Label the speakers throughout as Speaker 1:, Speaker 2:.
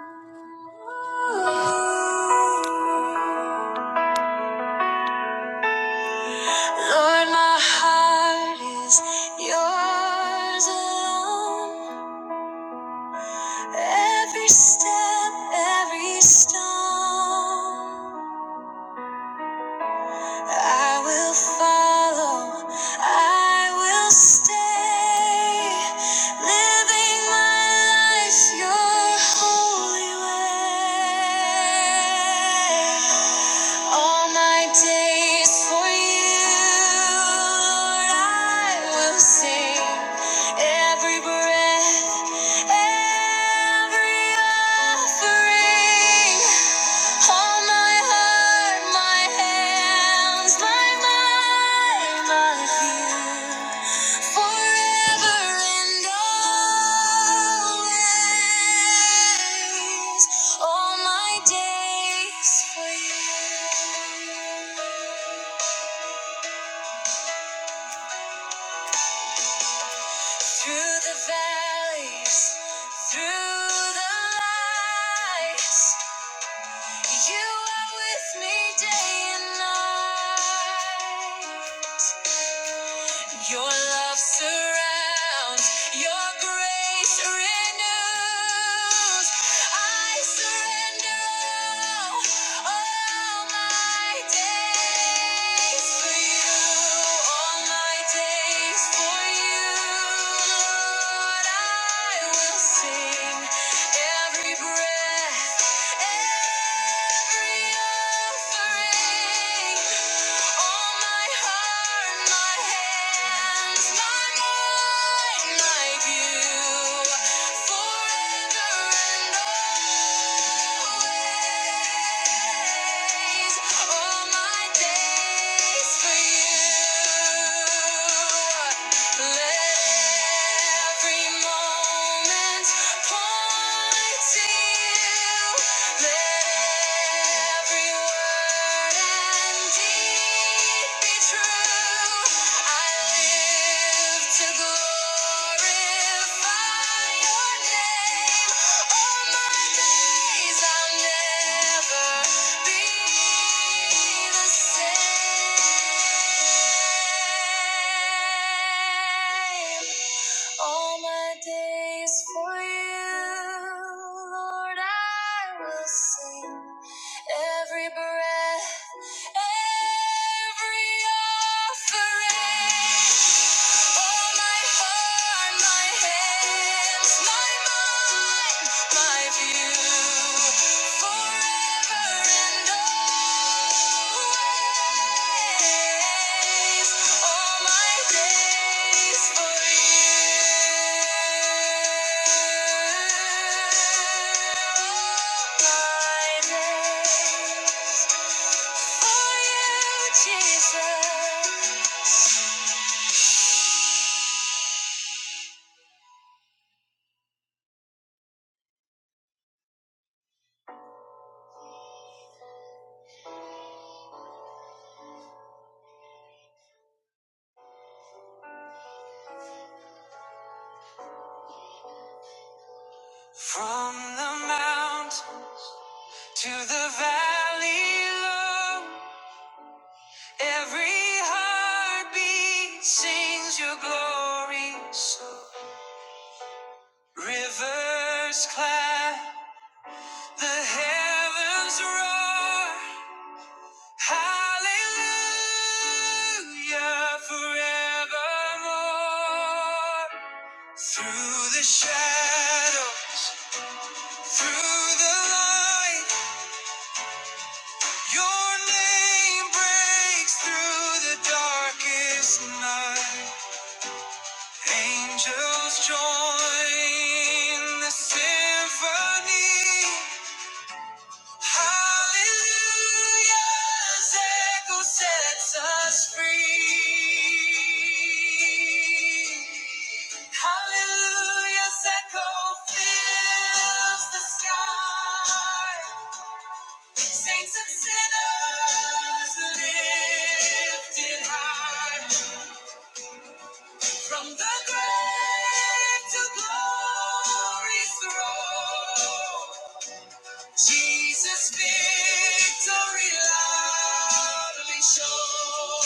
Speaker 1: Lord, my heart is yours alone. Every step, every stone. I will follow, I will stay, living my life your holy way. All my days for you, Lord, I will sing every breath, every Offering all my heart, my hands, my mind, my fear, forever and always, all my days for you. Through the valleys, through the lights. 'Cause You are with me day and night. Your love surrounds, your grace renews. I surrender all, all my days for you, all my days for you. Lord, I will sing every breath, every offering. all my my heart, my hands, my mind, my view, forever and always, all my days for you. Let every moment point to you. Let every word all my days for you, Lord, I will sing. Every breath, every offering. All my heart, my hands, my mind, my view, forever and always. All my days for you. All my days for you, Jesus. From the mount to the valley low, every heartbeat sings your glory. So rivers clap, the heavens roar. Hallelujah forevermore. Through the shadows, through the light. Your name breaks through the darkest night. Angels join the symphony. Hallelujah's echo sets us free. Hallelujah's echo fills the sky. Saints and sinners lifted high from the grave to glory's throne. Jesus' victory loudly shown.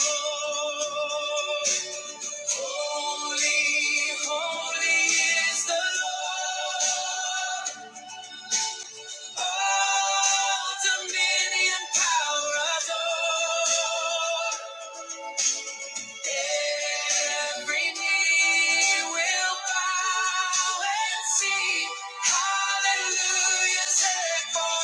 Speaker 1: Holy, holy is the Lord. All dominion power adore. Every knee will bow and sing hallelujah for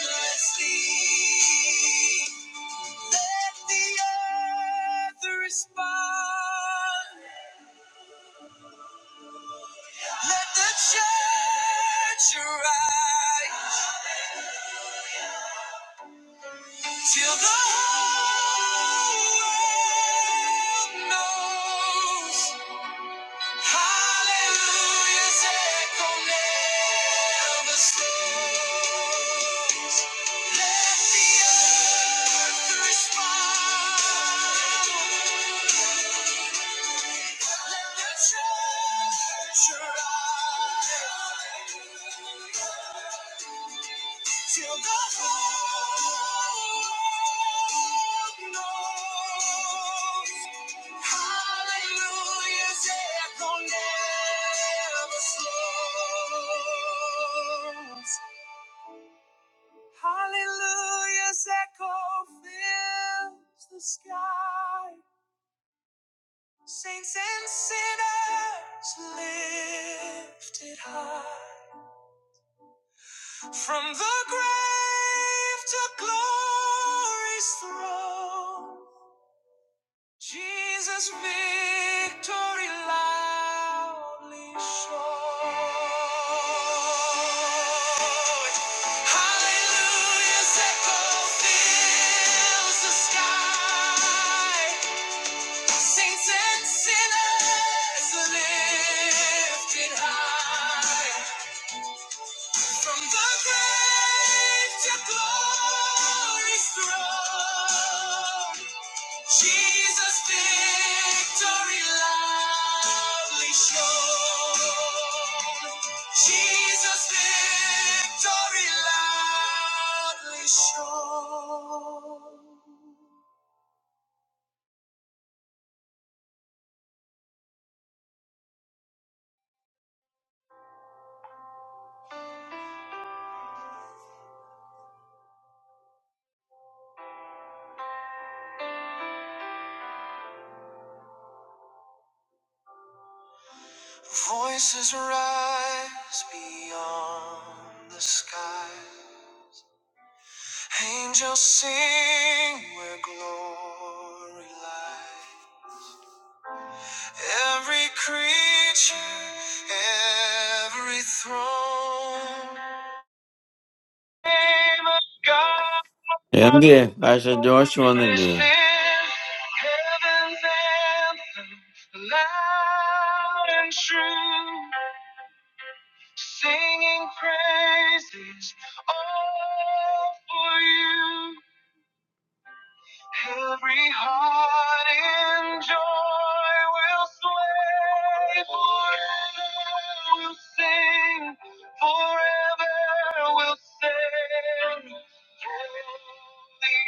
Speaker 1: endlessly. Let the earth respond, let the church arise till the whole world knows Hallelujah's echo never stops. Let the earth respond. Let the church arise. Till the whole knows. Hallelujah's echo never slows. Hallelujah's echo fills the sky. Saints and sinners lifted high. From the grave to glory's throne, Jesus' victory loudly shone. Hallelujah's echo fills the sky. Saints and sinners lifted high. From the grave to glory's throne, Jesus' victory loudly shown. Jesus' victory loudly shown. Voices rise beyond the sky. Angels sing where glory lies. Every creature, every throne. Name of God,
Speaker 2: Hey Andy, how's your George
Speaker 1: this is
Speaker 2: Manilio?
Speaker 1: heaven's anthem, loud and true. Singing praises all for you. Every heart in joy will sway forever, will sing forever, will sing.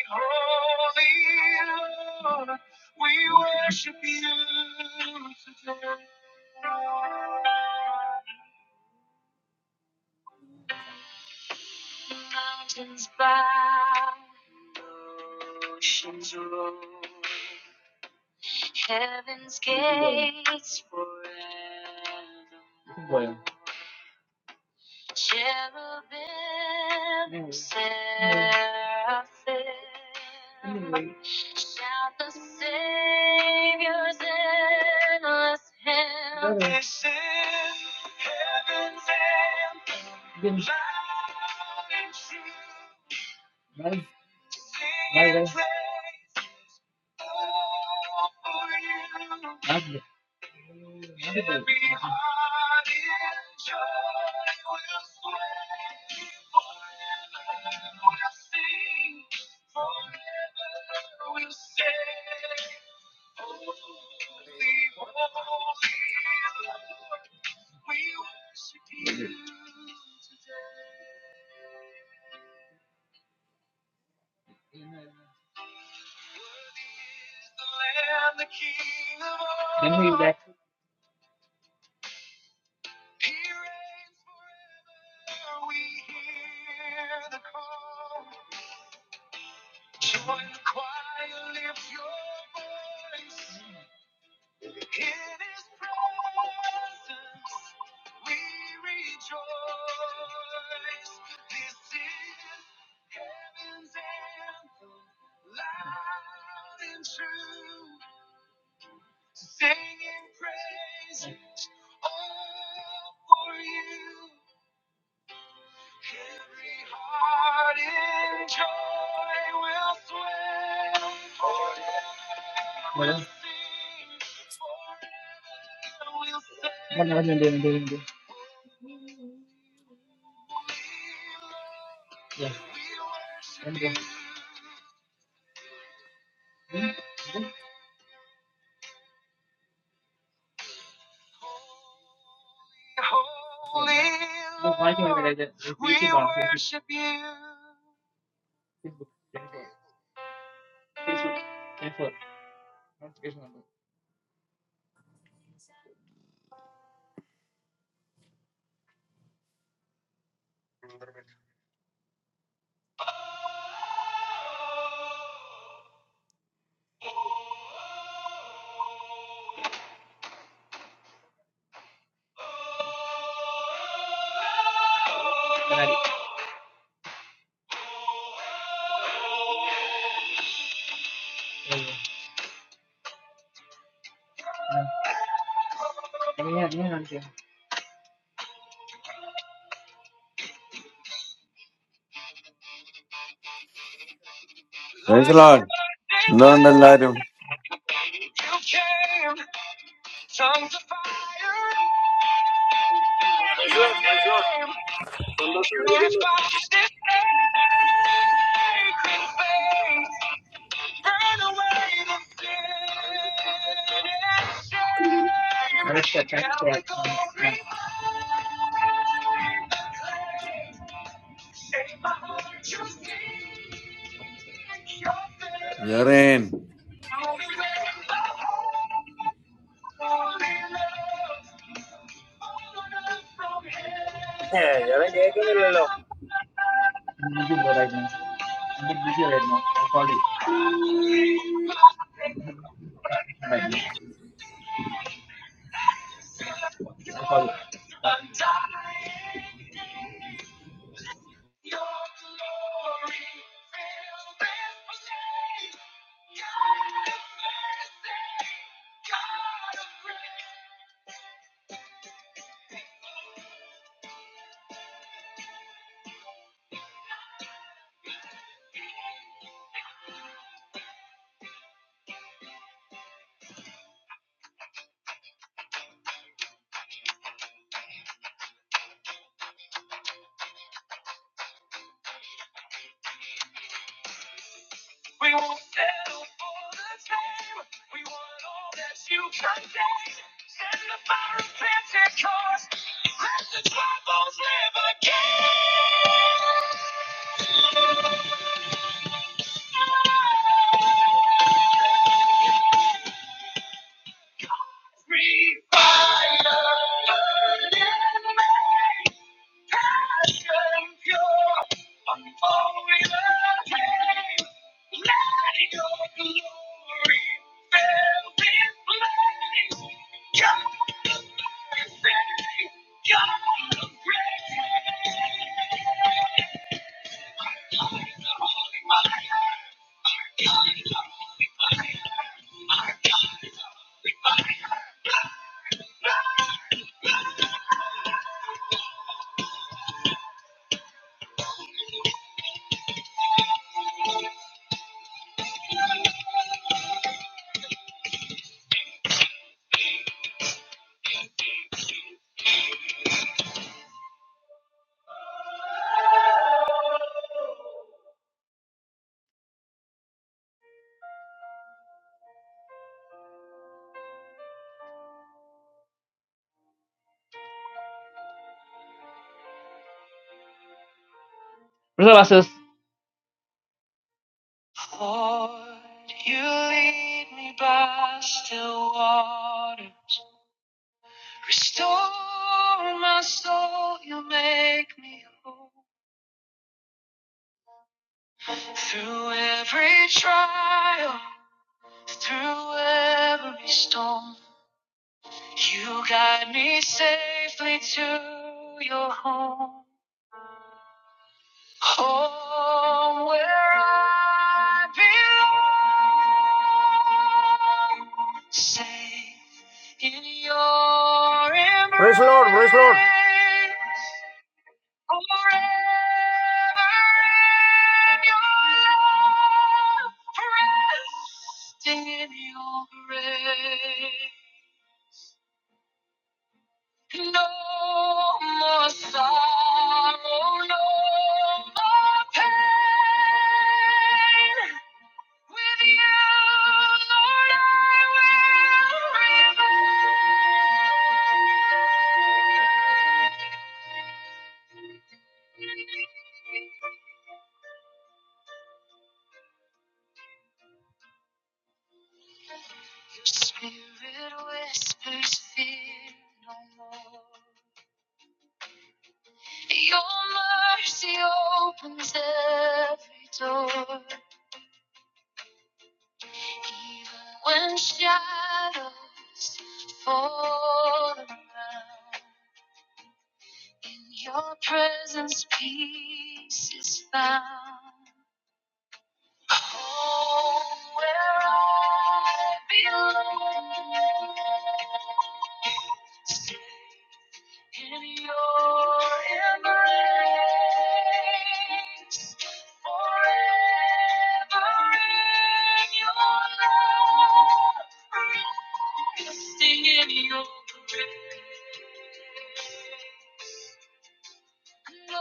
Speaker 1: Holy, holy Lord, we worship you today. Mountains bow, oceans roll. Heaven's gates forever. Bueno. Cherubim, Mm. seraphim, Mm. shout the Savior's endless hymn. Better. This is heaven's end. Been- Bye. Bye, guys. Every We'll sing forever. We'll say, Holy, holy Lord, we worship you today. Worthy is the Lamb, He reigns forever. We hear the call. Join the choir, lift your voice. In his presence, we rejoice. This is heaven's anthem, loud and true. Singing praises all for you. Every heart in joy will swim. Forever will sing. Forever will sing. One, one, one, one, one, one. Yeah. One, one. Hmm? Hmm? Holy, Oh, why can't I write We worship you. Facebook. Facebook. No, Facebook. Notification number. Canary. Yeah, yeah. Yeah. Yeah,
Speaker 2: Praise the Lord. Don't tell anyone.
Speaker 1: yeah, yeah. Tongues of fire, your
Speaker 3: Brasil, Brazil.
Speaker 1: name
Speaker 3: Sandals are here.
Speaker 1: purifies this aching veins. Burn away the sin and shame. Now we go revive the clay. Save my heart to see your
Speaker 2: Where
Speaker 1: face. Only way the holy love.
Speaker 3: Hello.
Speaker 1: I'm busy bro right now. I'm a bit busy right now. I'm sorry. Right now. I'm sorry. We won't settle for the same. We want all that you contain. Send the fire of Pentecost. Let the dry bones live again. Free fire burning me. Passion pure. What's up, Asus? Lord, you lead me by still water. Restore my soul, you make me whole. Through every trial,
Speaker 3: Brazil, Brazil,
Speaker 1: singing your grace. No more sorrow, no more pain. With you, Lord, I will remain. Your spirit whispers fear no more. Your mercy opens every door. Even when shadows fall around. In your presence, peace is found. Home where I belong. Safe in your embrace. Forever in your love. Resting in your grace. No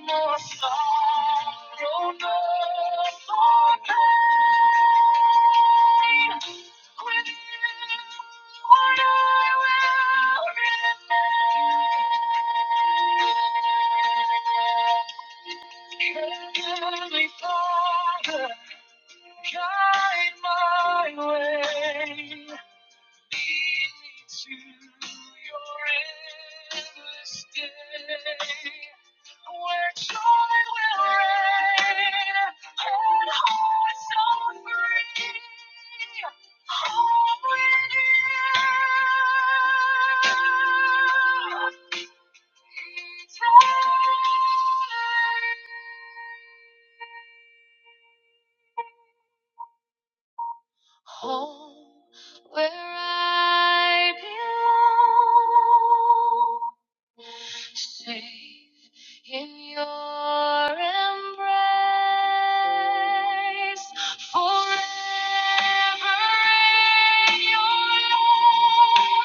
Speaker 1: more sorrow, no more pain. With you, I will remain. Heavenly Father, guide my way. Home where I belong safe in your embrace. Forever in your love,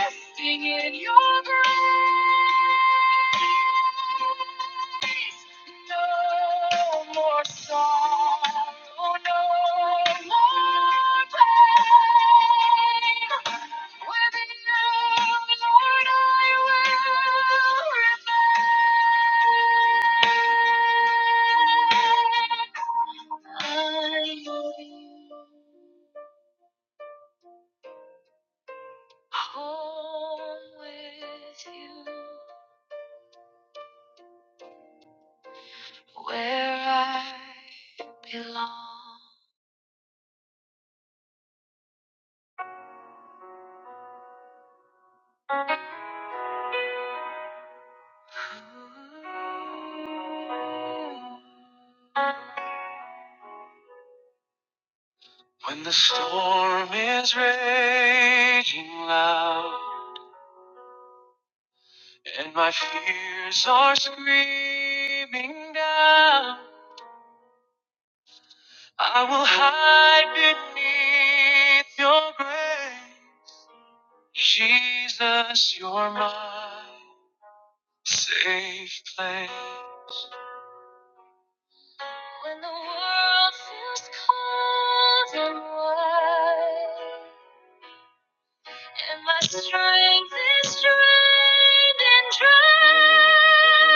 Speaker 1: resting in your grace. No more sorrow, no more pain. With you, Lord, I will remain. I know you. Home with you, where I belong. When the storm is raging loud and my fears are screaming down, I will hide beneath your grace. Jesus, you're my safe place. When the world feels cold and wide, and my strength is drained and dried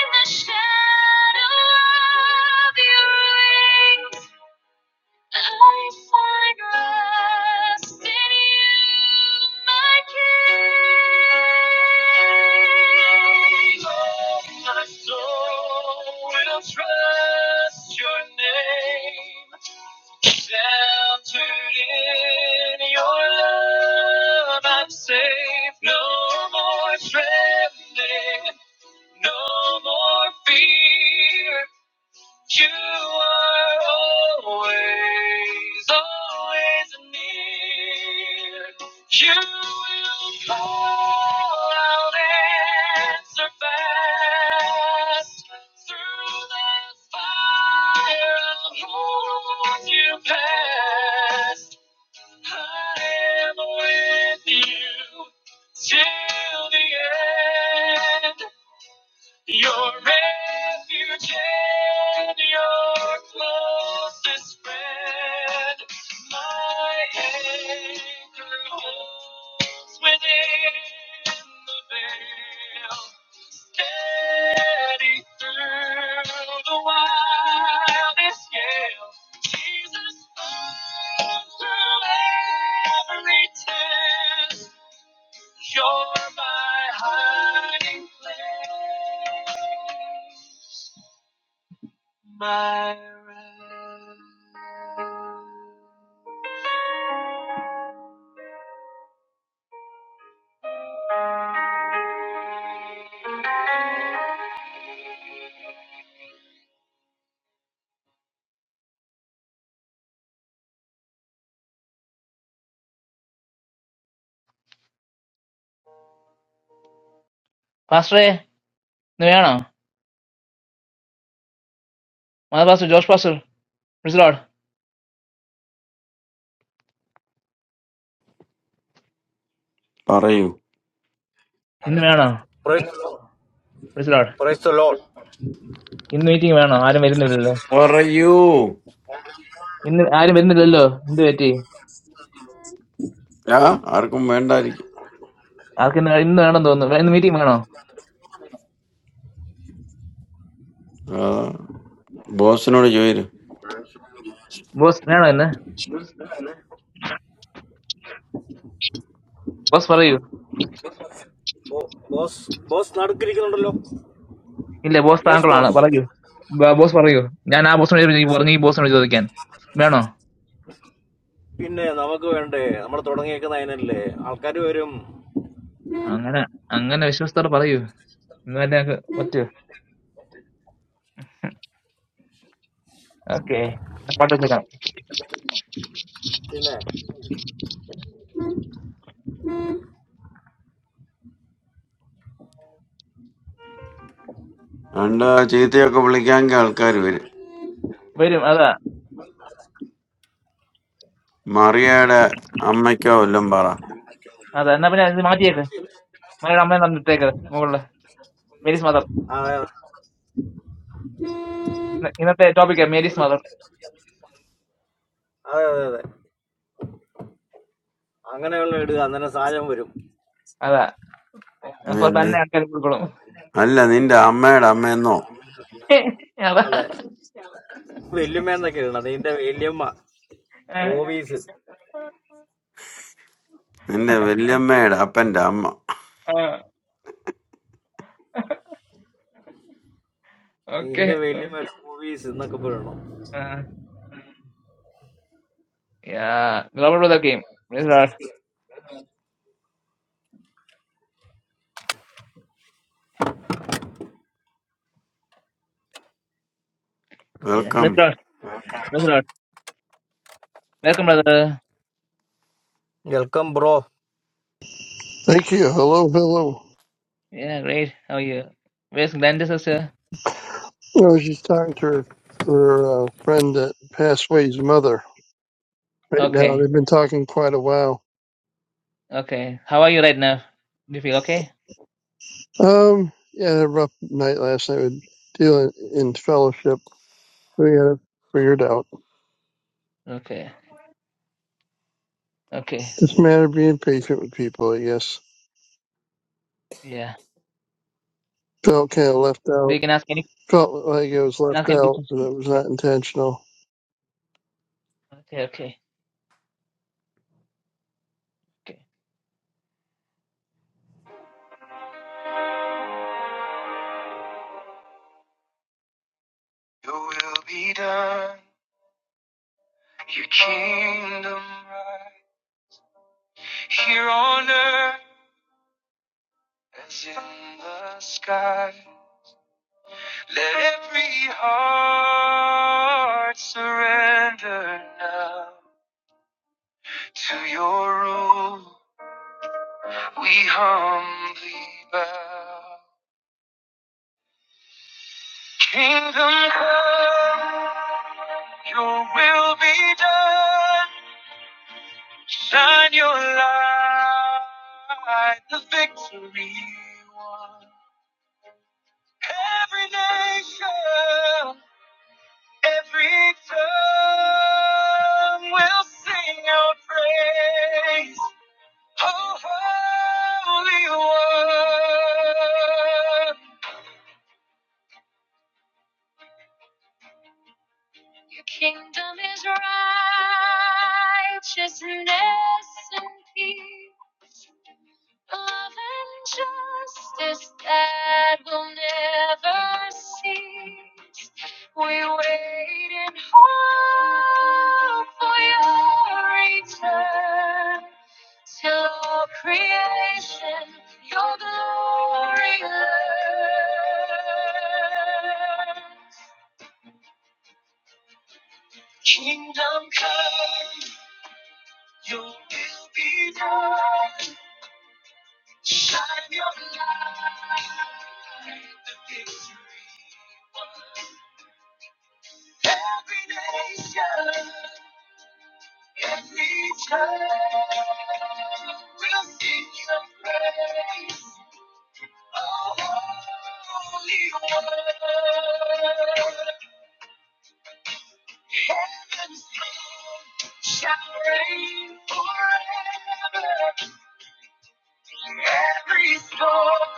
Speaker 1: in the shadow of your wings. I find rest in you, my King. Come to You. in your Safe, no more trembling, no fear. Choose always in there. you hold answer fast. Through hope of you till the end, your refuge and your closest friend. My anchor holds within the veil. Steady through the wildest gale. Jesus moved through every test. You're my hiding place, my rest. പാസ്റ്ററെ ഇന്ന് വേണോ മത pastor Josh pastor പ്രിസിലോഡ്
Speaker 2: are you?
Speaker 1: ഇന്ന് വേണോ
Speaker 3: Brazil,
Speaker 1: പ്രിസിലോഡ്
Speaker 3: Brazil.
Speaker 1: ഇന്ന് meeting വേണോ ആരും വരുന്നില്ലല്ലോ
Speaker 2: Where are you?
Speaker 1: ഇന്ന് ആരും വരുന്നില്ലല്ലോ എന്ത് പറ്റി
Speaker 2: Yeah? Are you coming down there?
Speaker 1: ആർക്ക് ഇന്ന് വേണമെന്ന് തോന്നുന്നു ഇന്ന് മീറ്റിംഗ് വേണോ
Speaker 2: Ah, boss, no one is here.
Speaker 1: Boss, no, no, no. Boss, follow you.
Speaker 3: Boss, boss. How are you doing?
Speaker 1: No, boss,
Speaker 3: Yes,
Speaker 1: struggle, no,
Speaker 3: boss.
Speaker 1: follow you. Boss, follow you. I, I, boss, only do this. Boss, only do this again. No, no.
Speaker 3: Today, we are going to our tour guide. We are going to carry a few.
Speaker 1: Ang gano? Ang gano? Showstar, follow you. Maganda ko, what you? Okay. Pagdating,
Speaker 3: What?
Speaker 2: And I just want to go to the hospital.
Speaker 1: very. Aga,
Speaker 2: Maria's mom came to
Speaker 1: aga. Na pinaasimang taga. May ramdam na taga. Magod na. Merry Smatter.
Speaker 3: Ah,
Speaker 1: Ina tayo topic ng Merry Smatter.
Speaker 3: ah, ah. Anganayalaludu. That is a famous movie.
Speaker 1: Aga.
Speaker 2: see
Speaker 1: Ang
Speaker 2: me. No,
Speaker 1: paratan
Speaker 2: no.
Speaker 1: na ang kaluluwalom.
Speaker 2: All of you,
Speaker 1: Aga.
Speaker 3: That is William. What is it?
Speaker 2: Maria's mom.
Speaker 1: Okay.
Speaker 3: William movies. This is a famous movie.
Speaker 1: Yeah. Merry Smatter game. Merry Smatter. Yeah. Merry
Speaker 2: Welcome.
Speaker 1: Smatter. Merry Smatter. Welcome, brother.
Speaker 3: Welcome, bro.
Speaker 4: Thank you. Hello, hello.
Speaker 1: Yeah, great. How are you? Where's Glenda, sister?
Speaker 4: I was just talking to her, her uh, friend that passed away, his mother, right now.
Speaker 1: Okay,
Speaker 4: They've been talking quite a while.
Speaker 1: okay. How are you right now? Do you feel okay?
Speaker 4: Um, yeah, had a rough night last night with dealing in fellowship. We got it figured out.
Speaker 1: Okay, okay.
Speaker 4: This matter of being patient with people, I guess.
Speaker 1: Yeah.
Speaker 4: Felt kind of left out.
Speaker 1: You can ask any, you
Speaker 4: Felt like I was
Speaker 1: can
Speaker 4: left
Speaker 1: ask any
Speaker 4: out,
Speaker 1: questions.
Speaker 4: but it was
Speaker 1: Yeah.
Speaker 4: not intentional.
Speaker 1: Okay, okay, okay. Your will be done, your kingdom rise, here on earth as in the sky. Let every heart surrender now to your rule. We humbly bow. Kingdom come, your will be done. Shine your light, the victory won. Every nation, every tongue will sing your praise. Oh, Holy One. Your kingdom is righteousness and peace, love and justice that will never cease. We wait in hope for your return till all creation your glory learn. Kingdom come. You will be done. Shine your light. The victory won. Every nation, every tongue will sing your praise. Oh, holy one. Heaven's throne shall reign forever. Every storm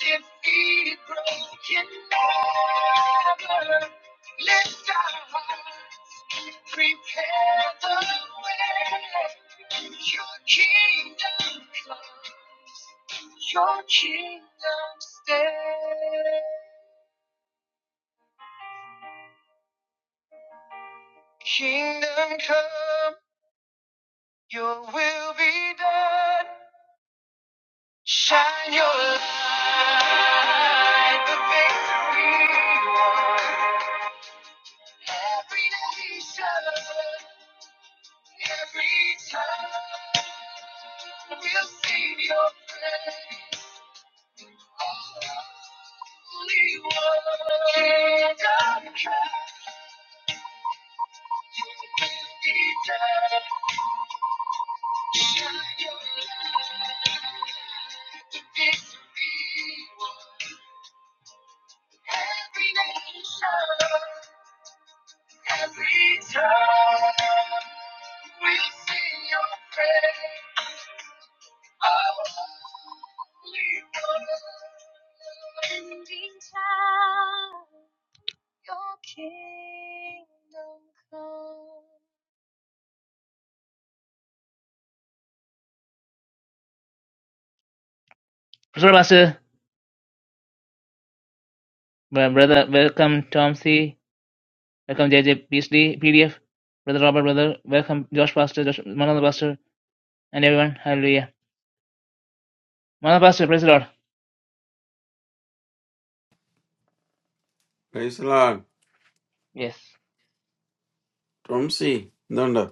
Speaker 1: defeat broken never. Lift our hearts, prepare the way. Your kingdom comes. Stand by your light, the victory won. Every nation, every tongue will sing your praise. Oh, Holy One, Kingdom come. Ending time, your Sure, Pastor. Well, Brother, welcome Tom C. Welcome JJ Beasley, PDF. Brother Robert, brother, welcome Josh Pastor, Josh, Mother Pastor, and everyone. Hallelujah. Mother Pastor, praise the Lord.
Speaker 2: Praise the Lord.
Speaker 1: Yes.
Speaker 2: Tom C. Don't.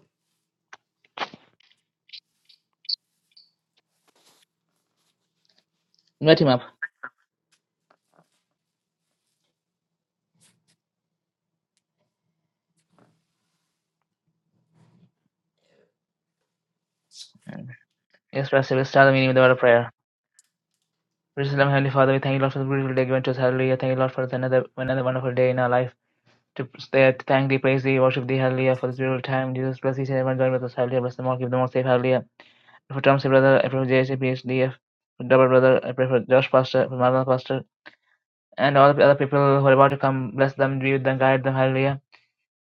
Speaker 1: Invite him up. Yes, Pastor, we'll start the meeting with the word of prayer. Praise Gracious loving Heavenly Father, we thank you, Lord, for the beautiful day given to us. Hallelujah. Thank you, Lord, for another another wonderful day in our life. To stay, to thank thee, praise thee, worship thee, hallelujah, for this beautiful time. Jesus, bless each and everyone join with us, hallelujah. Bless them all, keep them all safe, hallelujah. For Tom's brother, I pray for JSA, PhDF, for double brother, I pray for Josh Pastor, for Martha, Pastor, and all the other people who are about to come, bless them, be with them, guide them, hallelujah.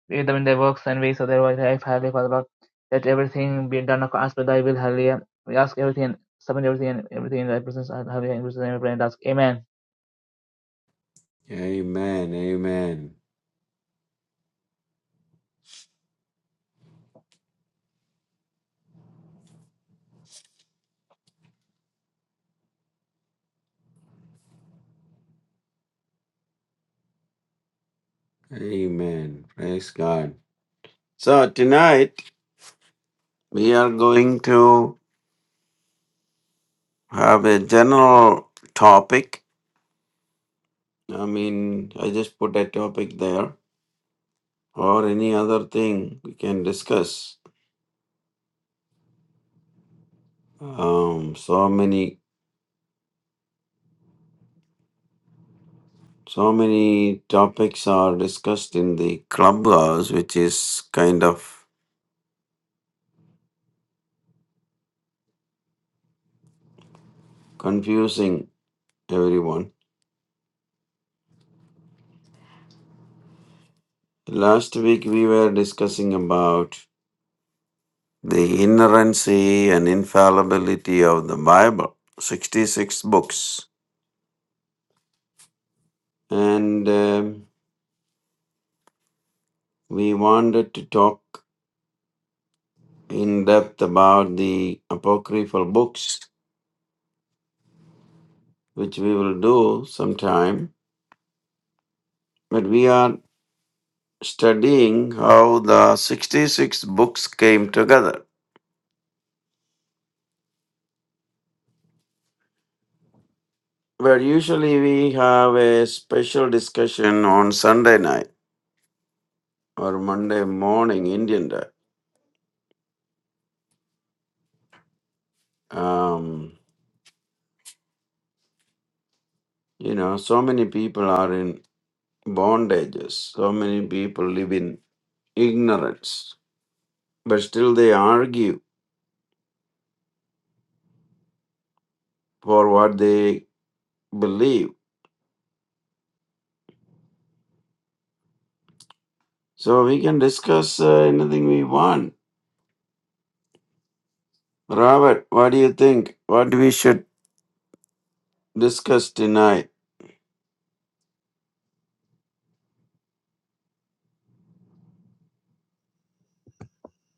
Speaker 1: Be with them in their works and ways of their life, hallelujah, Father Lord. Let everything be done as per thy will, hallelujah. We ask everything, submit everything and everything in thy presence, hallelujah, in Jesus' name we pray and ask, Amen.
Speaker 2: Amen. Amen. Amen. Praise God. So tonight we are going to have a general topic. I mean, I just put a topic there or any other thing we can discuss. Um, so many, so many topics are discussed in the clubhouse, which is kind of confusing everyone. Last week we were discussing about the inerrancy and infallibility of the Bible, 66 books and um, we wanted to talk in depth about the apocryphal books, which we will do sometime. But we are studying how the 66 books came together. But usually we have a special discussion on Sunday night or Monday morning, Indian time. Um, you know, so many people are in bondages, so many people live in ignorance, but still they argue for what they believe. So we can discuss uh, anything we want. Robert, what do you think? What we should discuss tonight?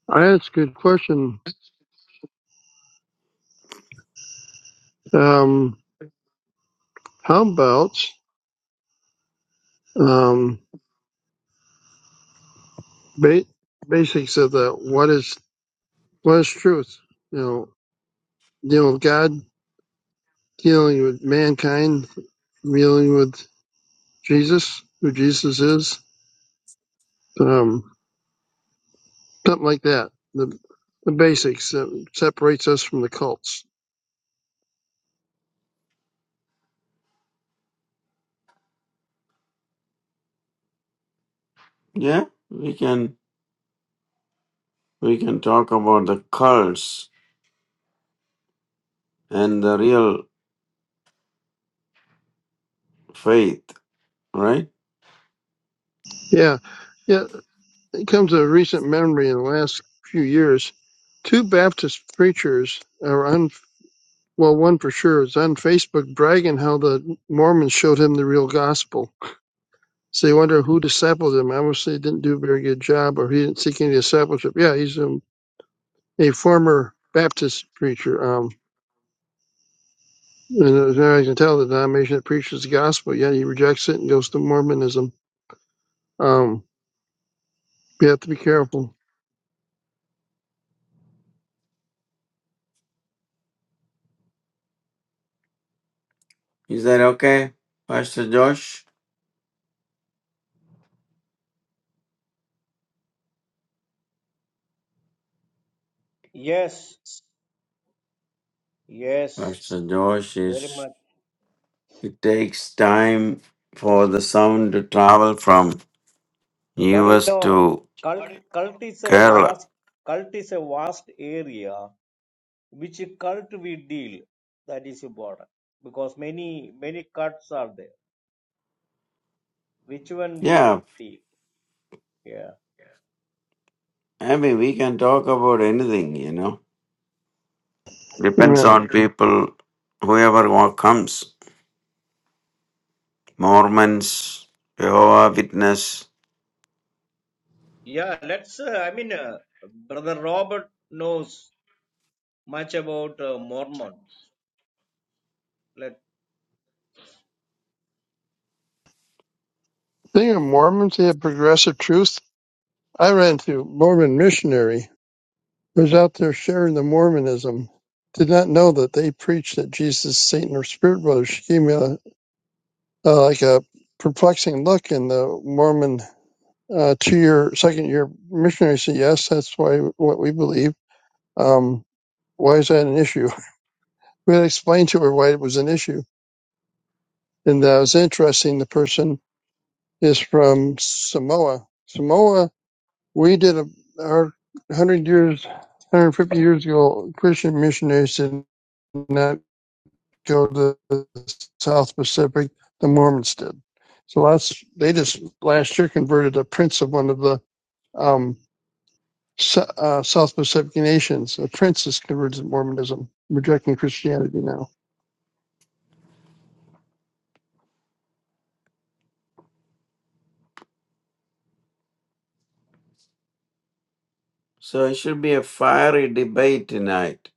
Speaker 4: I asked a good question. Um, how about um, ba- basics of the what is what is truth? You know, dealing with God, dealing with mankind, dealing with Jesus, who Jesus is, um, something like that. The the basics that separates us from the cults.
Speaker 2: Yeah, we can we can talk about the cults and the real faith, right?
Speaker 4: Yeah, yeah. It comes to a recent memory in the last few years. Two Baptist preachers are on. Well, one for sure is on Facebook bragging how the Mormons showed him the real gospel. So you wonder who discipled him. Obviously, he didn't do a very good job, or he didn't seek any discipleship. Yeah, he's a a former Baptist preacher. Um, and as far as I can tell, the denomination that preaches the gospel, yet he rejects it and goes to Mormonism. Um, we have to be careful.
Speaker 2: Is that okay, Pastor Josh?
Speaker 3: Yes. Yes.
Speaker 2: Pastor Josh
Speaker 3: Very
Speaker 2: is
Speaker 3: much.
Speaker 2: it takes time for the sound to travel from
Speaker 3: But you
Speaker 2: US
Speaker 3: know,
Speaker 2: to
Speaker 3: cult cult is a
Speaker 2: Kerala.
Speaker 3: vast cult is a vast area. Which cult we deal, that is important because many many cults are there. Which one we
Speaker 2: Yeah,
Speaker 3: deal? Yeah.
Speaker 2: I mean we can talk about anything, you know. Depends
Speaker 4: Amen.
Speaker 2: on people, whoever wa- comes, Mormons, Jehovah Witness.
Speaker 3: Yeah. Let's. Uh, I mean, uh, brother Robert knows much about uh, Mormons. Let
Speaker 4: Thing of Mormons, they have progressive truth. I ran into a Mormon missionary who was out there sharing the Mormonism. Did not know that they preached that Jesus, Satan, or Spirit was. She gave me a, uh, like a perplexing look, and the Mormon uh, two-year, second-year missionary said, "Yes, that's why what we believe." Um, why is that an issue? We had to explain to her why it was an issue. And that was interesting. The person is from Samoa. Samoa, we did a, our 100 years, 150 years ago, Christian missionaries did not go to the South Pacific. The Mormons did. So last, they just last year converted a prince of one of the um, S- uh, South Pacific nations. A prince is converted to Mormonism, rejecting Christianity now.
Speaker 2: So it should be a fiery debate tonight.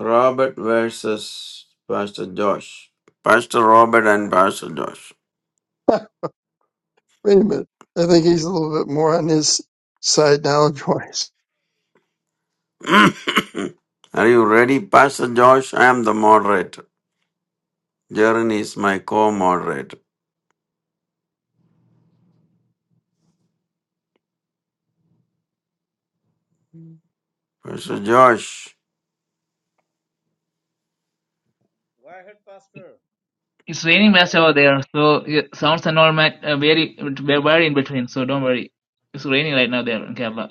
Speaker 2: Robert versus Pastor Josh. Pastor Robert and Pastor Josh.
Speaker 4: Wait a minute. I think he's a little bit more on his side knowledge wise.
Speaker 2: Are you ready, Pastor Josh? I am the moderator. Jaren is my co-moderator. Pastor Josh.
Speaker 3: go ahead, Pastor.
Speaker 1: It's
Speaker 3: Go
Speaker 1: raining best
Speaker 3: ahead.
Speaker 1: over there, so it sounds and all mat uh, very very very in between. So don't worry. It's raining right now there in Kerala.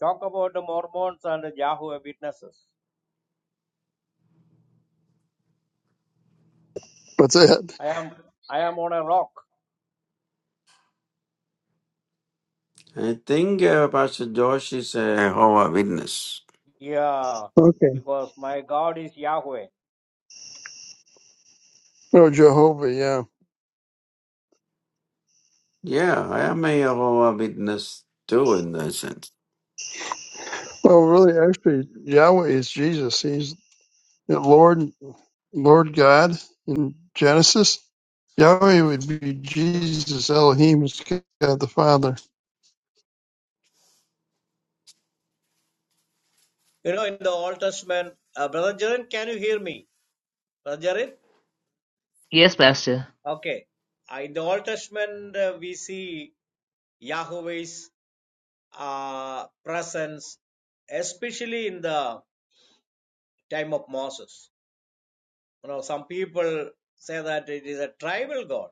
Speaker 3: Talk about the Mormons and the Jehovah Witnesses.
Speaker 4: What's that?
Speaker 3: I am I am on a rock.
Speaker 2: I think uh, Pastor Josh is a Jehovah Witness.
Speaker 3: Yeah,
Speaker 4: Okay.
Speaker 3: because my God is Yahweh.
Speaker 4: Oh, Jehovah, yeah.
Speaker 2: Yeah, I am a Jehovah Witness too, in that sense.
Speaker 4: Well, really, actually, Yahweh is Jesus. He's the Lord, Lord God in Genesis. Yahweh would be Jesus. Elohim is God the Father.
Speaker 3: You know, in the Old Testament, uh, Brother Jared, can you hear me? Brother Jared?
Speaker 1: Yes, Pastor.
Speaker 3: Okay. Uh, in the Old Testament, uh, we see Yahweh's uh, presence, especially in the time of Moses. You know, some people say that it is a tribal God,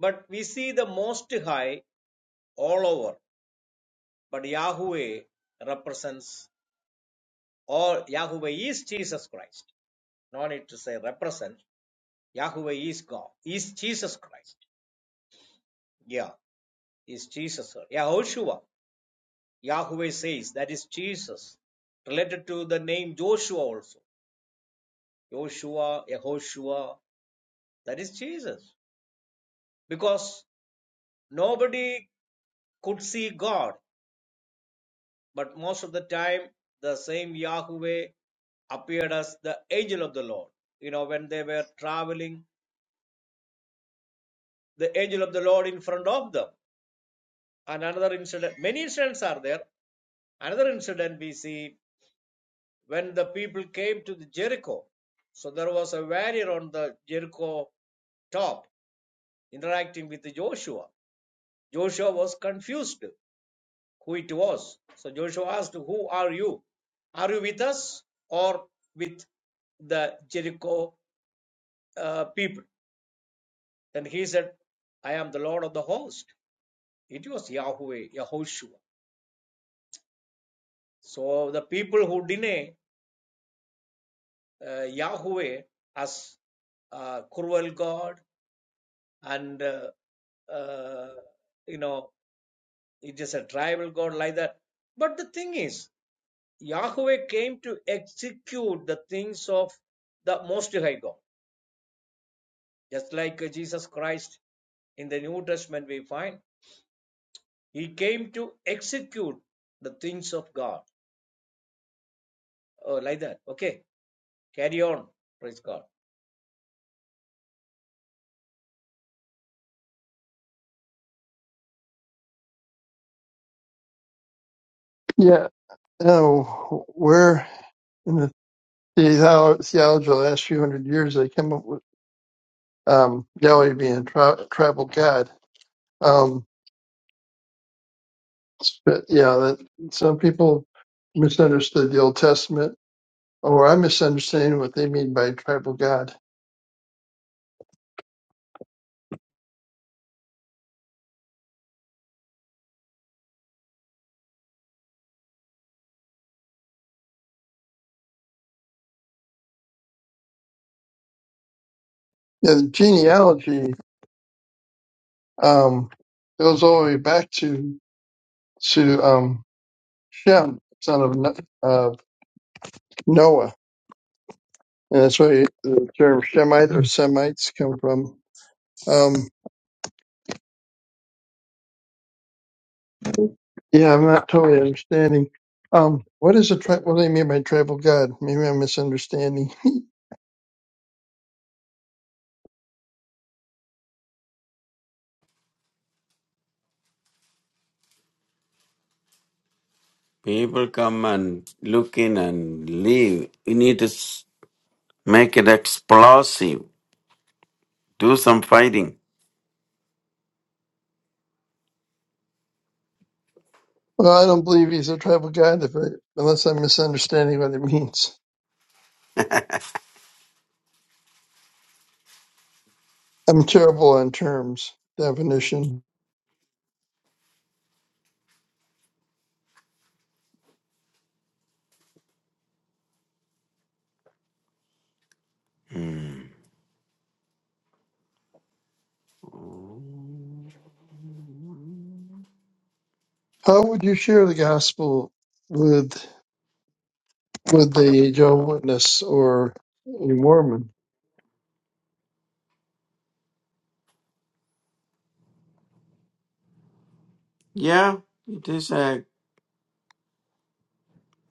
Speaker 3: but we see the Most High all over. But Yahweh represents, or Yahweh is Jesus Christ. No need to say represent. Yahweh is God, is Jesus Christ. Yeah. is Jesus. Yahoshua, Yahweh says that is Jesus. Related to the name Joshua also. Joshua, Yehoshua, that is Jesus. Because nobody could see God, but most of the time the same Yahweh appeared as the angel of the Lord. You know, when they were traveling, the angel of the Lord in front of them. And another incident, many incidents are there. Another incident we see when the people came to the Jericho. So there was a warrior on the Jericho top interacting with Joshua. Joshua was confused who it was. So Joshua asked, Who are you? Are you with us or with the Jericho uh, people? And he said, I am the Lord of the host. It was Yahweh, Yahoshua. So the people who deny uh, Yahweh as uh, cruel God and uh, uh, you know, it's just a tribal god like that. But the thing is, Yahweh came to execute the things of the Most High God. Just like uh, Jesus Christ in the New Testament, we find he came to execute the things of God. Oh, like that. Okay, carry on. Praise God.
Speaker 4: Yeah. Now, where in the theo- theology of the last few hundred years they came up with um, Yahweh being a tri- tribal God. Um, But yeah, that some people misunderstood the Old Testament, or I am misunderstanding what they mean by tribal God. Yeah, the genealogy um, goes all the way back to to um, Shem, son of No- uh, Noah, and that's where the term Shemite or Semites come from. Um, yeah, I'm not totally understanding. Um, what is a tri- what do they mean by tribal God? Maybe I'm misunderstanding.
Speaker 2: People come and look in and leave. You need to s- make it explosive. Do some fighting.
Speaker 4: Well, I don't believe he's a tribal god if I, unless I'm misunderstanding what it means. I'm terrible on terms, definition.
Speaker 2: Hmm.
Speaker 4: How would you share the gospel with with the Jehovah Witness or a Mormon?
Speaker 2: Yeah, it is a.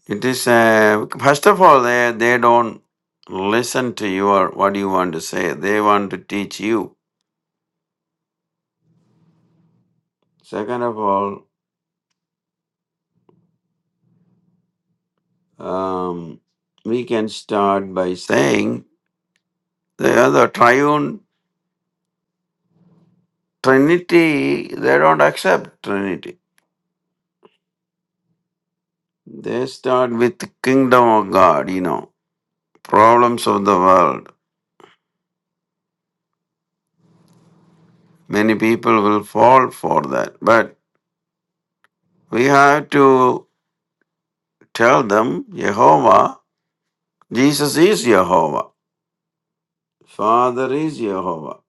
Speaker 2: It is a. First of all, they they don't listen to you or what you want to say. They want to teach you. Second of all, um, we can start by saying the other triune Trinity. They don't accept Trinity. They start with kingdom of God, you know, problems of the world. Many people will fall for that. But we have to tell them Jehovah, Jesus is Jehovah. Father is Jehovah.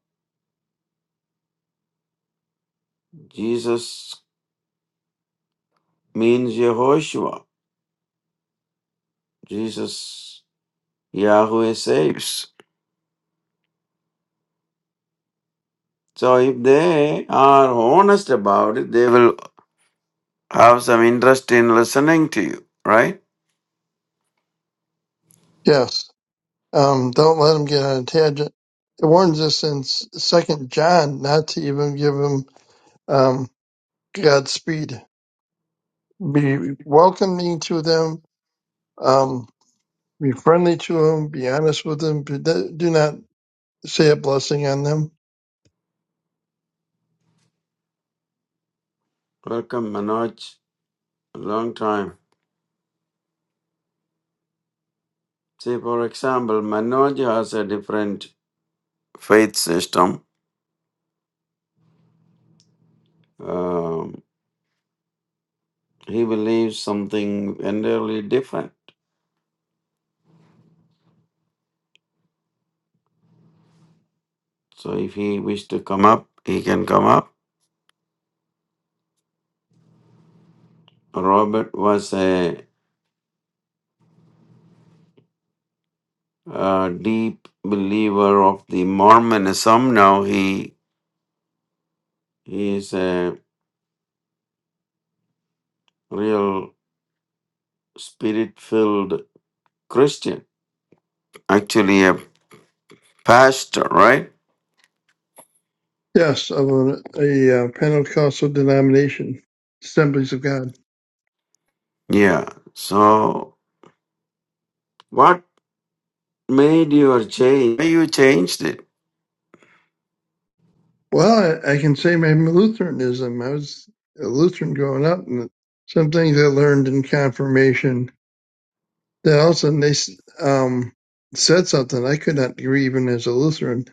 Speaker 2: Jesus means Yehoshua. Jesus, Yahweh saves. So if they are honest about it, they will have some interest in listening to you, right?
Speaker 4: Yes. Um, don't let him get on a tangent. It warns us in Second John not to even give him um, Godspeed. Be welcoming to them. Um, be friendly to them. Be honest with them. But do not say a blessing on them?
Speaker 2: Welcome, Manoj. Long time. See, for example, Manoj has a different faith system. Um, he believes something entirely different. So, if he wished to come up, he can come up. Robert was a, uh deep believer of the Mormonism. Now he, he is a real spirit filled Christian, actually, a pastor, right?
Speaker 4: Yes, of a, a uh, Pentecostal denomination, Assemblies of God.
Speaker 2: Yeah. So, what made your change? Why you changed it?
Speaker 4: Well, I, I can say my Lutheranism. I was a Lutheran growing up, and some things I learned in confirmation that all of a sudden they s- um, said something I could not agree even as a Lutheran.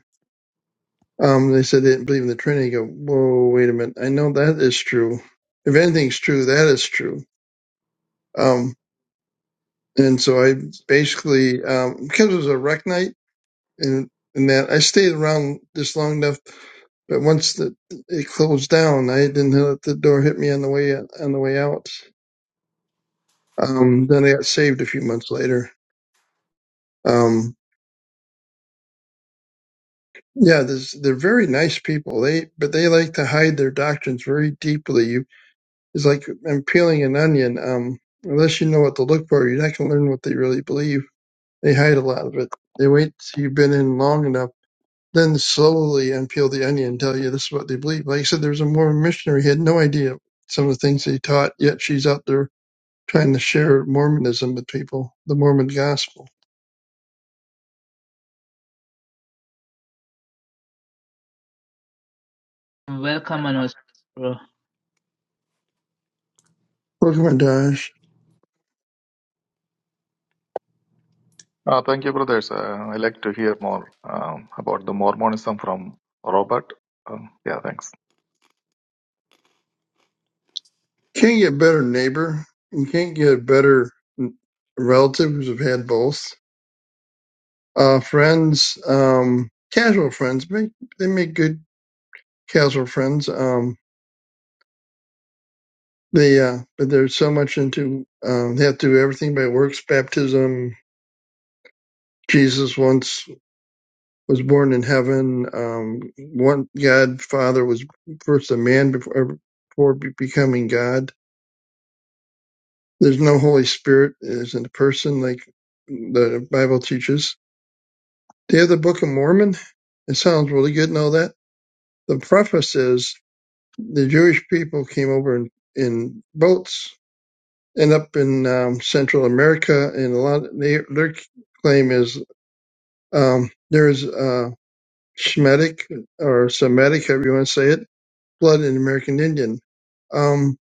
Speaker 4: Um, they said they didn't believe in the Trinity. I go, whoa, wait a minute. I know that is true. If anything's true, that is true. Um, and so I basically, um, because it was a rec night, and and that I stayed around this long enough. But once the, it closed down, I didn't let the door hit me on the way on the way out. Um, then I got saved a few months later. Um, yeah, there's, they're very nice people. They but they like to hide their doctrines very deeply. You it's like I'm peeling an onion. Um, unless you know what to look for, you're not going to learn what they really believe. They hide a lot of it. They wait till you've been in long enough then slowly unpeel the onion and tell you this is what they believe. Like I said, there's a Mormon missionary He had no idea some of the things they taught, yet she's out there trying to share Mormonism with people, the Mormon gospel.
Speaker 1: Welcome, Manoj. Bro.
Speaker 4: Welcome, to Dash.
Speaker 5: Uh, thank you, brothers. Uh, I like to hear more um, about the Mormonism from Robert. Um, yeah, thanks.
Speaker 4: Can't get a better neighbor. You can't get a better relative because I've had both. Uh, friends, um, casual friends, make, they make good casual friends. Um, they, uh, but they're so much into, um, they have to do everything by works, baptism, Jesus once. was born in heaven. Um, one God Father was first a man before, before be- becoming God. There's no Holy Spirit is in a person like the Bible teaches. Do you have the Book of Mormon? It sounds really good and all that. The preface is the Jewish people came over in, in boats and up in um, Central America, and a lot they, their claim is um, there is uh, Shemitic or Semitic, however you want to say it blood in American Indian. Um,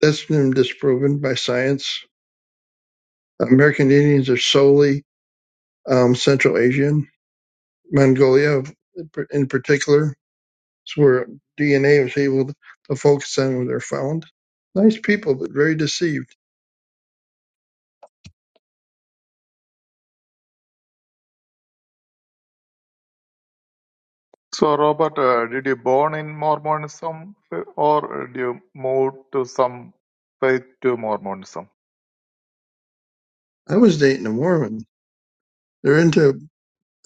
Speaker 4: that's been disproven by science. American Indians are solely um, Central Asian, Mongolia in particular. is where DNA was able to focus on where they're found. Nice people, but very deceived.
Speaker 5: So, Robert, uh, did you born in Mormonism, uh, or did you move to some faith to Mormonism?
Speaker 4: I was dating a Mormon. They're into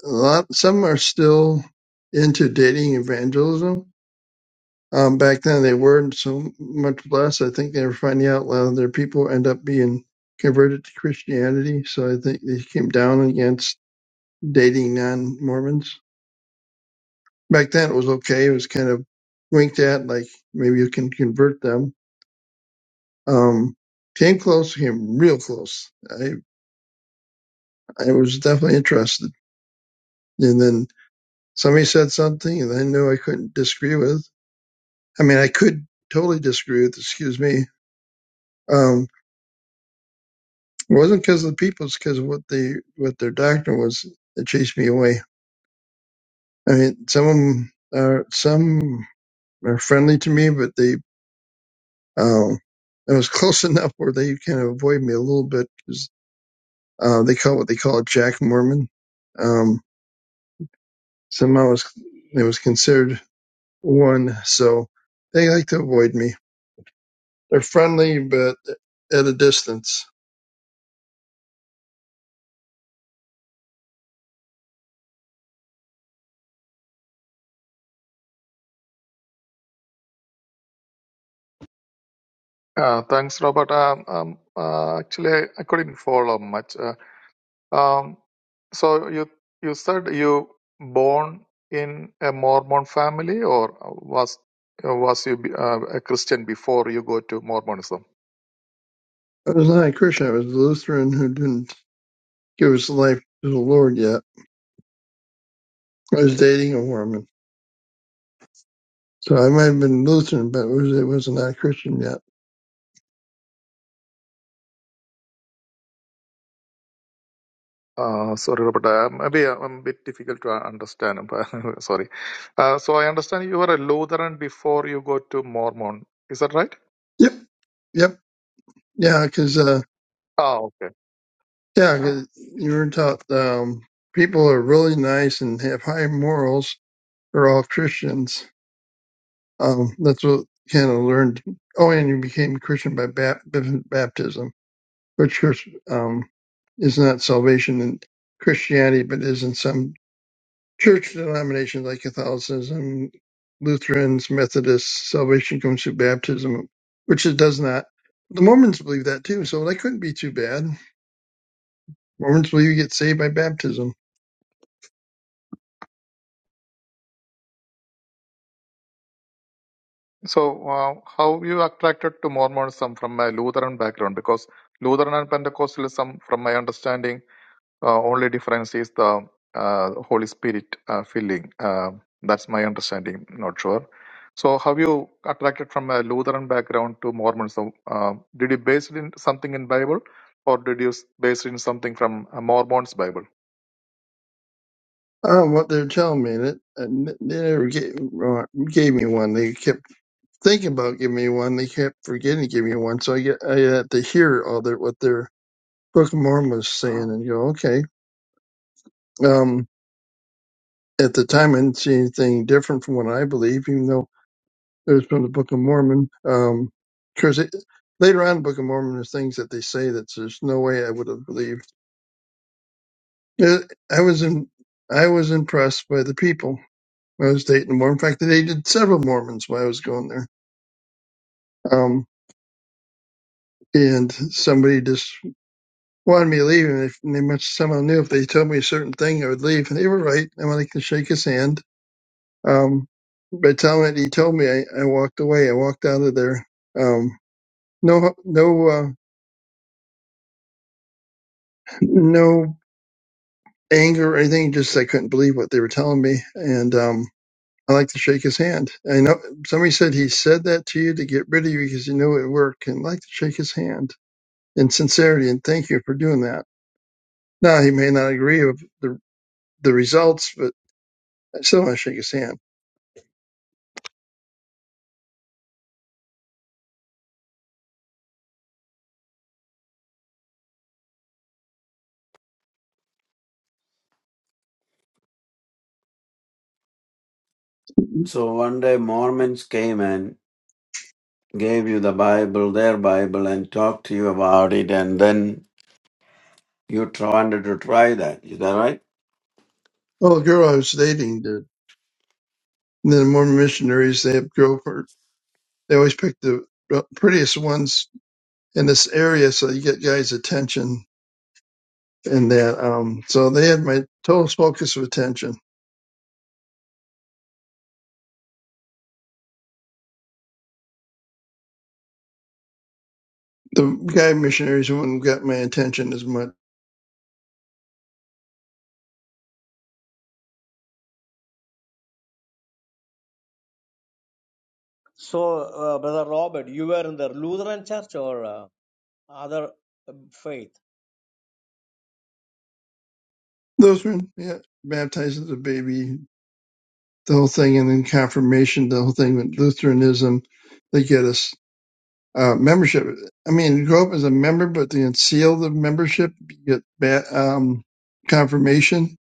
Speaker 4: a lot. Some are still into dating evangelism Um, back then they weren't so much less. I think they were finding out a lot of their people end up being converted to Christianity. So I think they came down against dating non-Mormons. Back then it was okay. It was kind of winked at, like maybe you can convert them. Um, came close, came real close. I, I was definitely interested. And then somebody said something and I knew I couldn't disagree with. I mean, I could totally disagree with, excuse me. Um, It wasn't because of the people; it's because what they what their doctrine was that chased me away. I mean, some of them are some are friendly to me, but they um, it was close enough where they kind of avoid me a little bit because uh, they call what they call a Jack Mormon. Um, somehow it was, it was considered one, so they like to avoid me. They're friendly, but at a distance.
Speaker 5: Uh, thanks, Robert. Um, um, uh, actually, I I couldn't follow much. Uh, um, so, you you said you born in a Mormon family, or was was you be- uh, a Christian before you go to Mormonism?
Speaker 4: I was not a Christian. I was a Lutheran who didn't give his life to the Lord yet. I was dating a Mormon. So I might have been Lutheran, but it was it was not Christian yet.
Speaker 5: Uh, Sorry, Robert. I'm maybe I'm I'm a bit difficult to understand. but- Sorry. Uh, So I understand you were a Lutheran before you go to Mormon. Is that right?
Speaker 4: Yep, yep, yeah, because uh,
Speaker 5: Ah, okay.
Speaker 4: yeah, 'cause you were taught um, people are really nice and have high morals are all Christians. Um, that's what kind of learned. Oh, and you became a Christian by bap- baptism, which Chris- um, is not salvation in Christianity, but is in some church denominations like Catholicism, Lutherans, Methodists, salvation comes through baptism, which it does not. The Mormons believe that too, so that couldn't be too bad. Mormons believe you get saved by baptism.
Speaker 5: So uh, how you attracted to Mormonism from a Lutheran background? Because Lutheran and Pentecostalism, from my understanding, Uh, only difference is the uh, Holy Spirit uh, filling. Uh, that's my understanding. Not sure. So, have you attracted from a Lutheran background to Mormonism? Uh, did you base it in something in Bible, or did you s- base it in something from a Mormon's Bible?
Speaker 4: Uh, what they're telling me that and they never gave, uh, gave me one. They kept thinking about giving me one. They kept forgetting to give me one. So I get I had to hear all their what their Book of Mormon was saying and go okay. Um, at the time, I didn't see anything different from what I believe, even though that is from the Book of Mormon. Um, because it, later on, in the Book of Mormon, there's things that they say that there's no way I would have believed. Uh, I was in, I was impressed by the people I was dating. the Mormon, in fact, I dated several Mormons while I was going there. Um, and somebody just wanted me to leave, and if and they much somehow knew if they told me a certain thing, I would leave. And they were right. I wanted to shake his hand. Um, by the time that he told me, I, I walked away. I walked out of there. Um, no, no, uh, no anger or anything. Just I couldn't believe what they were telling me, and um, I like to shake his hand. I know somebody said he said that to you to get rid of you because he knew it would work, and I like to shake his hand in sincerity and thank you for doing that. Now he may not agree with the the results, but I still want to shake his hand.
Speaker 2: So one day Mormons came and gave you the Bible, their Bible, and talked to you about it, and then you tr- wanted to try that. Is that right?
Speaker 4: Well, the girl I was dating, the the Mormon missionaries, they have girlfriend. They always pick the prettiest ones in this area, so you get guys' attention and that. Um, so they had my total focus of attention The guy missionaries wouldn't get my attention as much.
Speaker 3: So, uh, Brother Robert, you were in the Lutheran church or uh, other um, faith?
Speaker 4: Lutheran, yeah, baptized as a baby, the whole thing, and then confirmation, the whole thing with Lutheranism, they get us uh, membership. I mean, you grow up as a member, but they unseal the membership, you get ba- um, confirmation,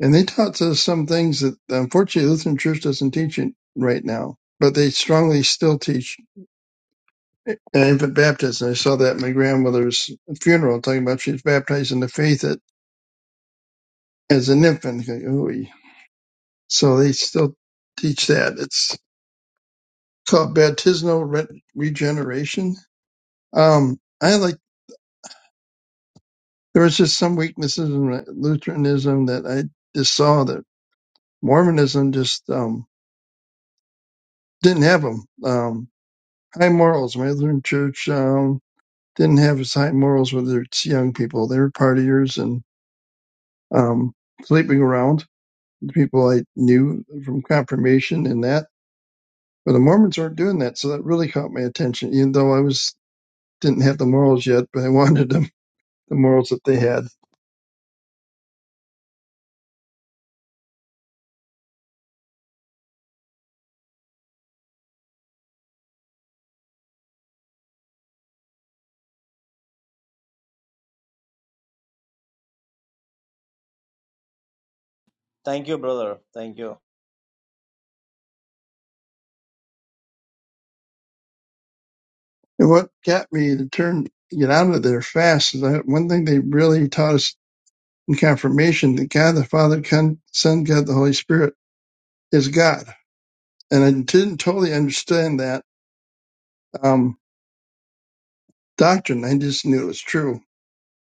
Speaker 4: and they taught us some things that unfortunately Lutheran Church doesn't teach it right now, but they strongly still teach infant baptism. I saw that at my grandmother's funeral, talking about she was baptized in the faith as an infant. So they still teach that. It's called baptismal re- regeneration. Um, I like, there was just some weaknesses in Lutheranism that I just saw that Mormonism just, um, didn't have them. Um, high morals. My Lutheran church, um, didn't have as high morals with its young people. They were partiers and, um, sleeping around the people I knew from confirmation and that. But the Mormons aren't doing that, so that really caught my attention. Even though I was didn't have the morals yet, but I wanted them the morals that they had.
Speaker 3: Thank you, brother. Thank you.
Speaker 4: And what got me to turn get out of there fast is that one thing they really taught us in confirmation that God the Father, Con- Son, God the Holy Spirit is God. And I didn't totally understand that um, doctrine. I just knew it was true.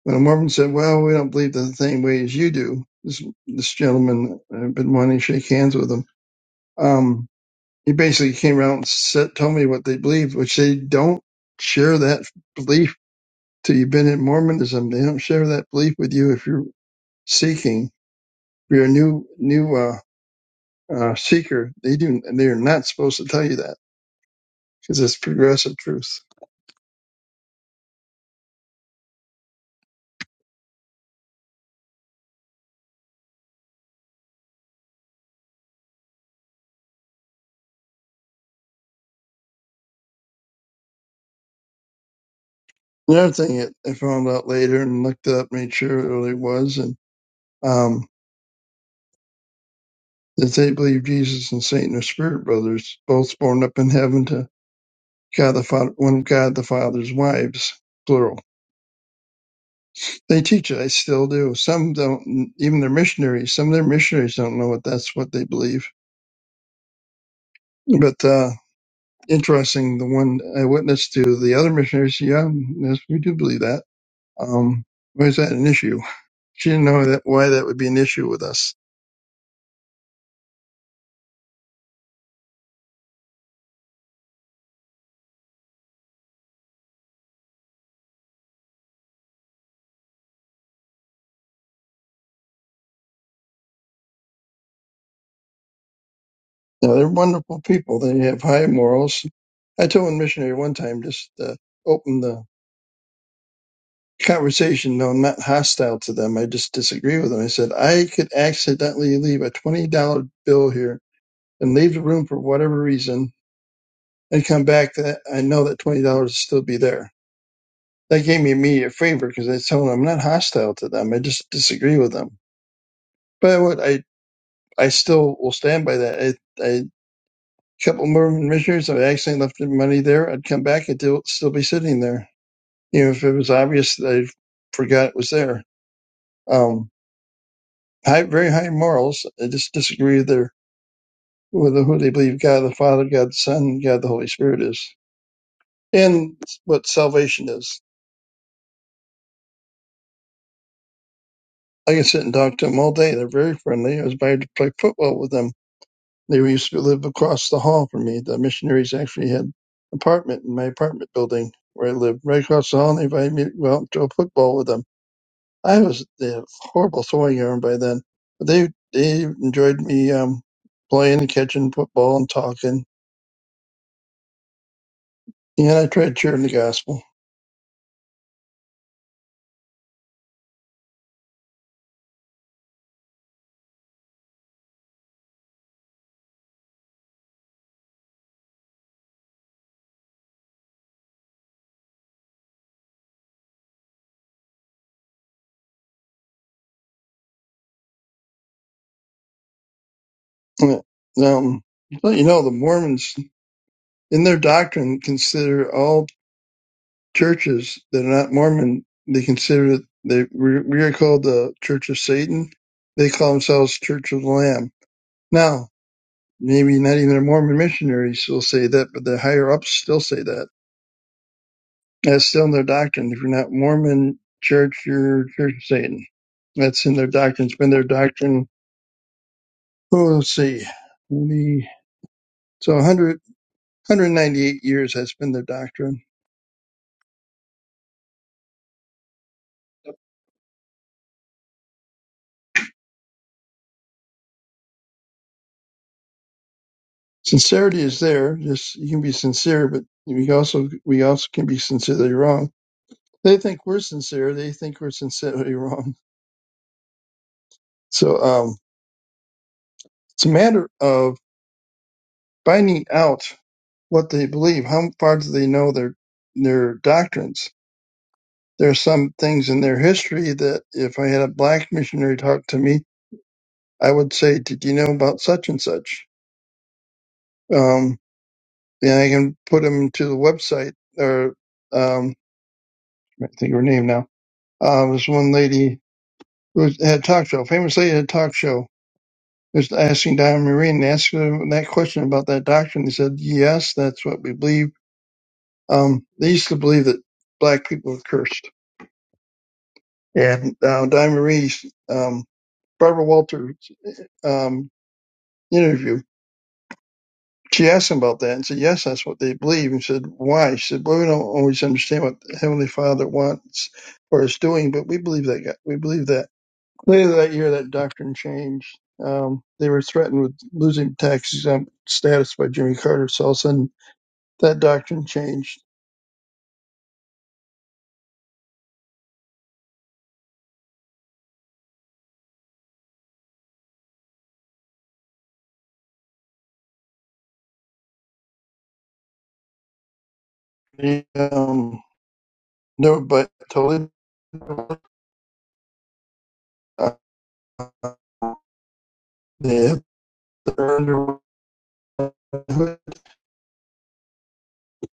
Speaker 4: When a Mormon said, "Well, we don't believe the same way as you do," this this gentleman, I've been wanting to shake hands with him. Um, He basically came out and said, told me what they believed, which they don't share that belief till you've been in Mormonism. They don't share that belief with you if you're seeking. If you're a new new uh, uh, seeker, they do. They are not supposed to tell you that because it's progressive truth. Another thing that I found out later and looked it up, made sure it really was, and um, that they believe Jesus and Satan are spirit brothers, both born up in heaven to God the Father, one of God the Father's wives, plural They teach it. I still do. Some don't. Even their missionaries. Some of their missionaries don't know what that's what they believe. But uh, interesting, the one I witnessed to the other missionaries. Yeah, yes, we do believe that. Um, why is that an issue? She didn't know that why that would be an issue with us. You know, they're wonderful people. They have high morals. I told one missionary one time just uh, open the conversation. No, I'm not hostile to them. I just disagree with them. I said I could accidentally leave a twenty dollar bill here and leave the room for whatever reason and come back, that I know that twenty dollars will still be there. That gave me immediate favor because I told them I'm not hostile to them. I just disagree with them. But what I I still will stand by that. I, I couple more missionaries, I accidentally left the money there. I'd come back, it'd still be sitting there. You know, if it was obvious that I forgot it was there. Um, high, very high morals. I just disagree with their with who they believe God the Father, God the Son, God the Holy Spirit is, and what salvation is. I could sit and talk to them all day. They're very friendly. I was invited to play football with them. They used to live across the hall from me. The missionaries actually had an apartment in my apartment building where I lived right across the hall, and they invited me to go out and throw football with them. I was they had a horrible throwing arm by then, but they they enjoyed me um, playing and catching football and talking. And I tried sharing the gospel. Um, but you know, the Mormons in their doctrine consider all churches that are not Mormon, they consider it, they, we are called the Church of Satan. They call themselves Church of the Lamb. Now, maybe not even the Mormon missionaries will say that, but the higher ups still say that. That's still in their doctrine. If you're not Mormon church, you're Church of Satan. That's in their doctrine. It's been their doctrine. Oh, let's see. 20, so 100, 198 years that's been their doctrine. sincerity is there. Just you can be sincere, but we also we also can be sincerely wrong. They think we're sincere. They think we're sincerely wrong. So um, it's a matter of finding out what they believe. How far do they know their their doctrines? There are some things in their history that if I had a black missionary talk to me, I would say, "Did you know about such and such?" Um, and I can put them to the website or um, I think of her name now. Uh, it one lady who had a talk show, famous lady had a talk show, was asking Don Marie and asked him that question about that doctrine. He said, "Yes, that's what we believe." Um, they used to believe that black people were cursed. And uh, Don Marie's um, Barbara Walters um, interview, she asked him about that and said, "Yes, that's what they believe." And he said, "Why?" She said, "Well, we don't always understand what the Heavenly Father wants or is doing, but we believe that God, we believe that." Later that year, that doctrine changed. Um, they were threatened with losing tax exempt status by Jimmy Carter, so all of a sudden that doctrine changed. The, um, no, but totally, uh, they have to earn their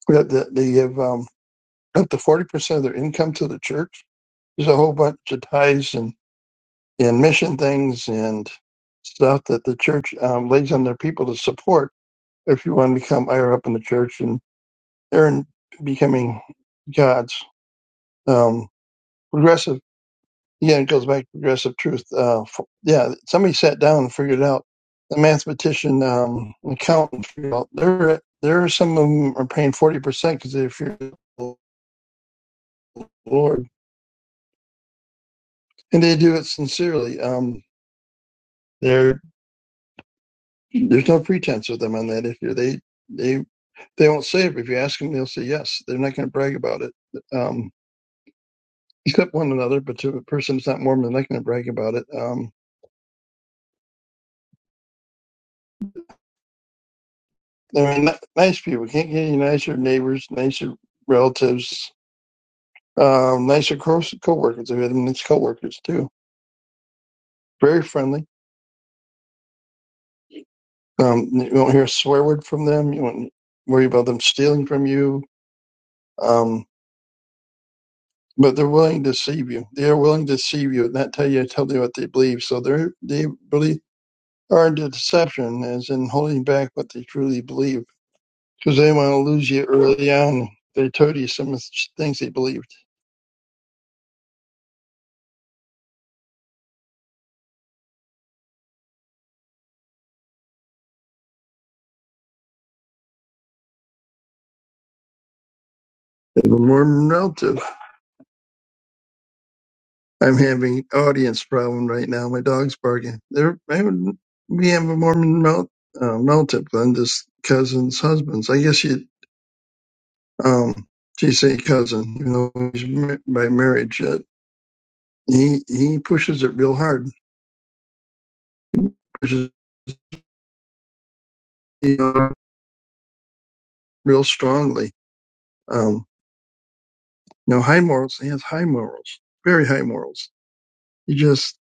Speaker 4: We have the- They give um, up to forty percent of their income to the church. There's a whole bunch of ties and, and mission things and stuff that the church um, lays on their people to support if you want to become higher up in the church. and They're becoming gods. Um, progressive, yeah, it goes back to progressive truth. Uh, for, yeah, somebody sat down and figured out. The mathematician, um, accountant, figured out there, there are some of them are paying 40% because they fear the Lord and they do it sincerely. Um, there, there's no pretense with them on that issue. They, they, they won't say it. If you ask them, they'll say yes. They're not going to brag about it. Um, except one another, but to a person that's not Mormon, they're not going to brag about it. Um, They're n- nice people. Can't get any nicer neighbors, nicer relatives, um, nicer co- co-workers. I've had nice co-workers too. Very friendly. Um, you won't hear a swear word from them. You won't worry about them stealing from you. Um, but they're willing to deceive you. They are willing to deceive you, not tell you, tell you what they believe. So they they really are into deception, as in holding back what they truly believe, because they want to lose you early on. They told you some of the things they believed. The Mormon relative. I'm having audience problem right now. My dog's barking. There, I would, we have a Mormon melt, uh, meltup Glenda's cousin's husband's. I guess you, um, she say cousin, even though he's ma- by marriage. Uh, he he pushes it real hard, pushes it uh, real strongly. Um, you know, high morals. He has high morals, very high morals. He just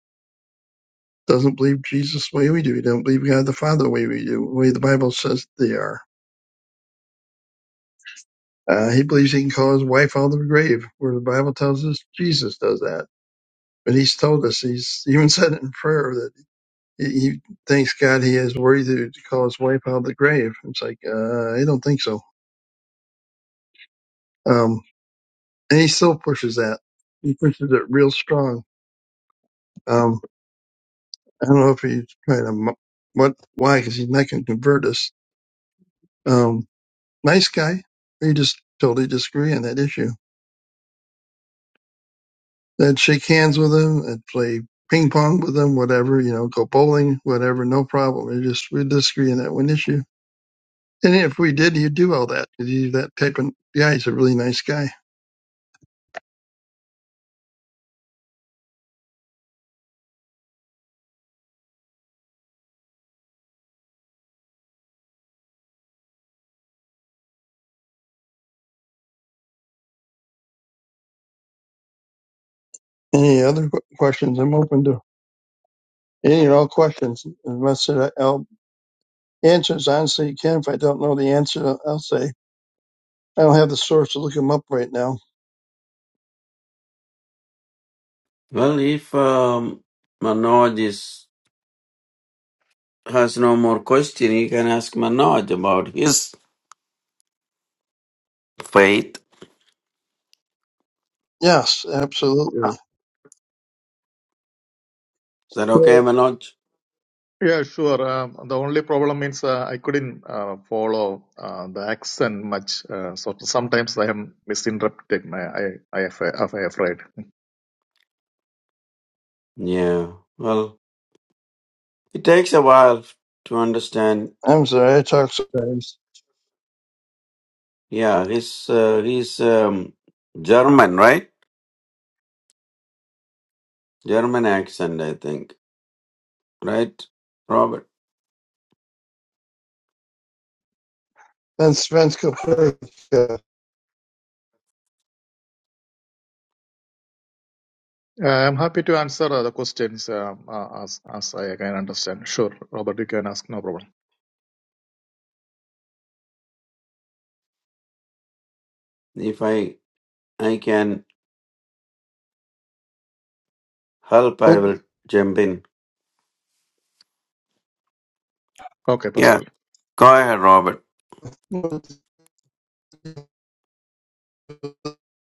Speaker 4: doesn't believe Jesus the way we do. He don't believe God the Father the way we do, the way the Bible says they are Uh, he believes he can call his wife out of the grave, where the Bible tells us Jesus does that. But he's told us, he's even said it in prayer that he, he thanks God he is worthy to call his wife out of the grave. It's like, uh, I don't think so. Um, and he still pushes that. He pushes it real strong. Um, I don't know if he's trying to, mo- what, why, because he's not going to convert us. Um, nice guy. We just totally disagree on that issue. I'd shake hands with him. I'd play ping pong with him, whatever, you know, go bowling, whatever, no problem. We just we disagree on that one issue. And if we did, he'd do all that. He's that type of guy. He's a really nice guy. Any other qu- questions? I'm open to any and all questions. Unless it, I'll answer as honestly you can. If I don't know the answer, I'll I'll say I don't have the source to look him up right now.
Speaker 2: Well, if um, Manoj is, has no more question, you can ask Manoj about his faith.
Speaker 4: Yes, absolutely.
Speaker 2: Is that okay,
Speaker 4: So-
Speaker 2: Manoj?
Speaker 5: Yeah, sure. Um, the only problem is uh, I couldn't uh, follow uh, the accent much. Uh, so sometimes I am misinterpreted. My, I, I, af- af- I afraid.
Speaker 2: Yeah. Well, it takes a while to understand.
Speaker 4: I'm sorry, I talk sometimes.
Speaker 2: Yeah, he's uh, he's um, German, right? German accent, I think. Right, Robert?
Speaker 4: And Svenska Pekka.
Speaker 5: Uh, I'm happy to answer uh, the questions um, uh, as as I can understand. Sure, Robert, you can ask, no problem.
Speaker 2: If I I can help. I
Speaker 4: What
Speaker 2: will jump in.
Speaker 5: Okay, Pastor.
Speaker 2: Yeah, go ahead, Robert.
Speaker 4: would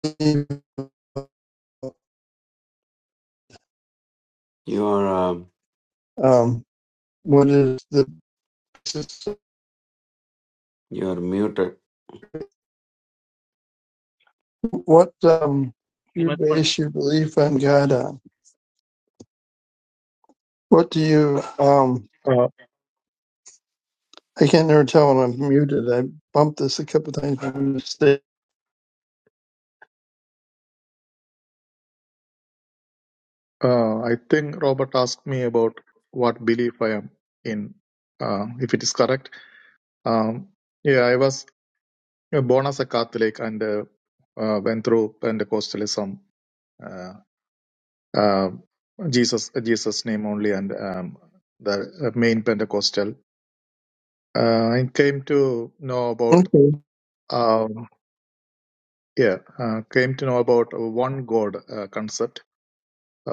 Speaker 4: the
Speaker 2: You are um,
Speaker 4: um, what is the basis
Speaker 2: you are muted.
Speaker 4: what um you base your belief on god on what do you um
Speaker 5: Uh,
Speaker 4: i can't never tell when i'm muted i bumped this a couple times by mistake
Speaker 5: uh, I think Robert asked me about what belief I am in, uh, if it is correct. Um, yeah, I was uh, born as a Catholic and uh, uh, went through Pentecostalism, uh, uh, Jesus Jesus name only, and um, the uh, main Pentecostal. Uh, I came to know about.
Speaker 4: okay
Speaker 5: um, yeah uh, came to know about uh, one god uh, concept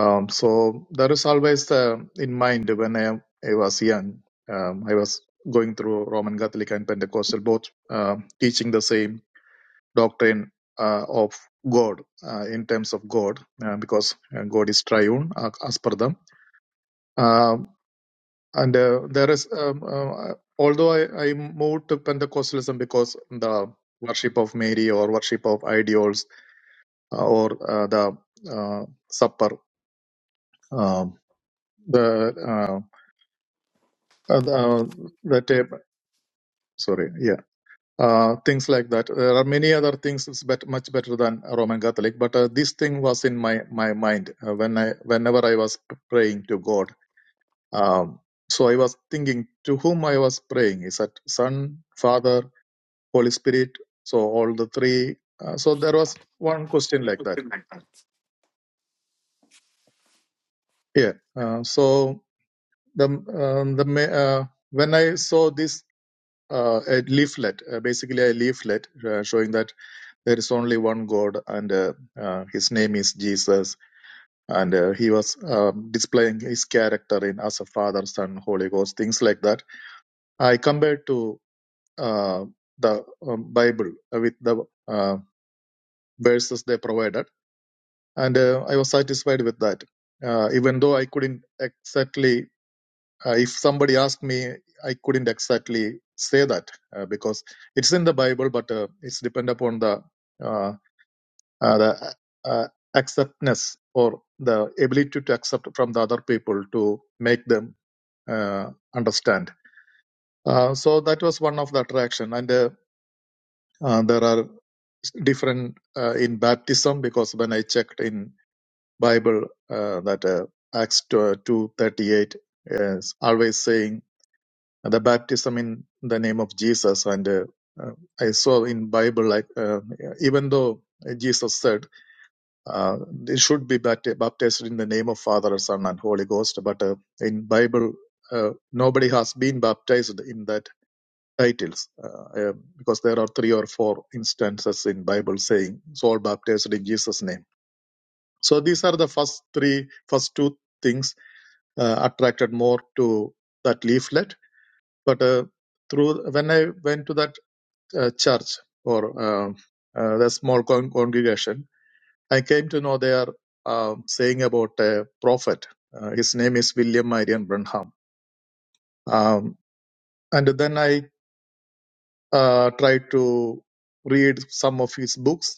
Speaker 5: um, so that is always uh, in mind when i, I was young um, i was going through roman catholic and pentecostal both uh, teaching the same doctrine uh, of god uh, in terms of god uh, because uh, god is triune uh, as per them Um and uh, there is um, uh, although I, I moved to pentecostalism because the worship of mary or worship of idols or uh, the uh, supper, um, the uh, uh, the uh, the table. Sorry, yeah, uh, things like that. There are many other things is bet- much better than Roman Catholic, but uh, this thing was in my my mind uh, when I whenever I was praying to God. Um, so I was thinking to whom I was praying. Is that Son, Father, Holy Spirit? So all the three. Uh, so there was one question like that. Yeah. Uh, so the um, the uh, when I saw this uh, a leaflet, uh, basically a leaflet uh, showing that there is only one God and uh, uh, His name is Jesus, and uh, He was uh, displaying His character in as a Father, Son, Holy Ghost, things like that. I compared to uh, the um, Bible with the uh, verses they provided, and uh, I was satisfied with that. Uh, even though I couldn't exactly Uh, if somebody asked me, I couldn't exactly say that uh, because it's in the Bible, but uh, it's depend upon the uh, uh, the uh, acceptness or the ability to accept from the other people to make them uh, understand. Uh, so that was one of the attraction, and uh, uh, there are different uh, in baptism because when I checked in Bible uh, that uh, Acts two thirty eight is always saying the baptism in the name of Jesus. And uh, uh, I saw in Bible, like uh, even though Jesus said uh, they should be bapti- baptized in the name of Father, Son, and Holy Ghost, but uh, in Bible uh, nobody has been baptized in that titles uh, uh, because there are three or four instances in Bible saying all baptized in Jesus' name. So these are the first three, first two things uh, attracted more to that leaflet but uh, through when I went to that uh, church or uh, uh, the small con- congregation, I came to know they are uh, saying about a prophet. Uh, his name is William Marion Branham, um, and then I uh, tried to read some of his books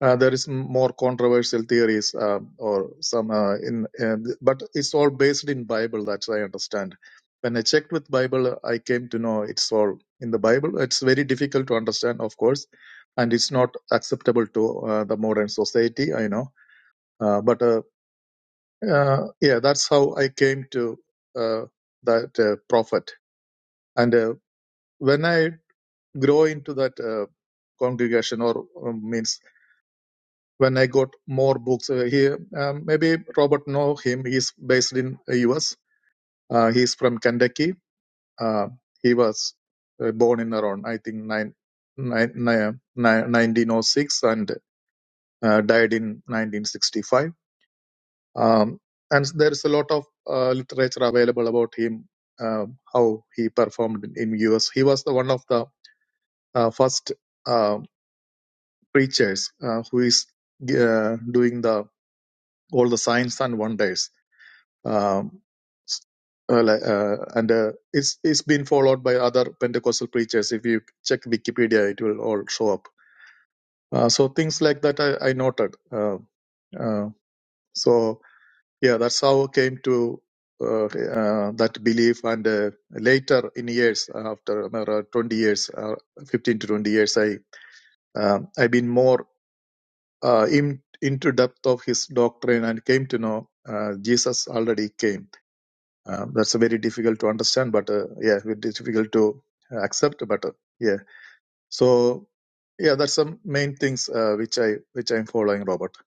Speaker 5: Uh, there is more controversial theories uh, or some uh, in, in but it's all based in bible that's i understand when i checked with bible i came to know it's all in the bible it's very difficult to understand of course and it's not acceptable to uh, the modern society i know uh, but uh, uh, yeah that's how i came to uh, that uh, prophet and uh, when i grow into that uh, congregation or um, means when I got more books. Uh, he um, maybe Robert know him. He's based in U.S. Uh, he's from Kentucky. Uh, he was uh, born in around I think nine, nine, nine, nine- nineteen oh six and uh, died in 1965. Um, and there is a lot of uh, literature available about him, uh, how he performed in, in U.S. He was the one of the uh, first uh, preachers uh, who is uh, doing the all the signs and wonders um, uh, li- uh, and uh, it's it's been followed by other Pentecostal preachers. If you check Wikipedia, it will all show up. Uh, so things like that I, I noted. Uh, uh, so yeah, that's how I came to uh, uh, that belief. And uh, later in years, after around 20 years, uh, 15 to 20 years, I um, I've been more uh, in, into depth of his doctrine and came to know uh, Jesus already came Uh, that's a very difficult to understand, but uh, yeah, very difficult to accept. But uh, yeah, so yeah, that's some main things uh, which I which I'm following, Robert.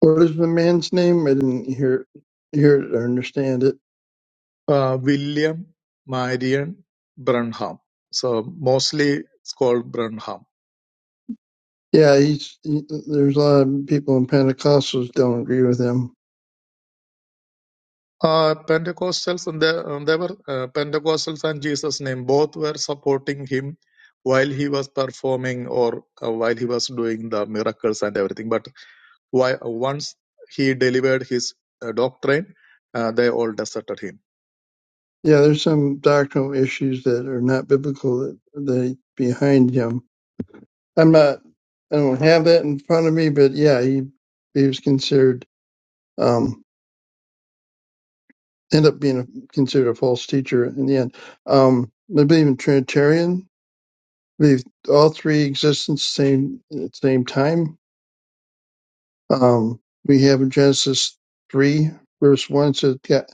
Speaker 4: what is the man's name i didn't hear hear it or understand it
Speaker 5: Uh, William Marion Branham. So mostly it's called Branham.
Speaker 4: yeah he's he, there's a lot of people in pentecostals don't agree with him
Speaker 5: Uh, Pentecostals and they, and they were uh, Pentecostals and Jesus' name both were supporting him while he was performing or uh, while he was doing the miracles and everything. But Why, once he delivered his uh, doctrine, uh, they all deserted him.
Speaker 4: yeah there's some doctrinal issues that are not biblical that they behind him I'm not. I don't have that in front of me, but yeah, he he was considered um end up being a, considered a false teacher in the end. Um, I believe in Trinitarian. I believe all three exist at the same at the same time. Um, we have in Genesis three verse one says, "Ga-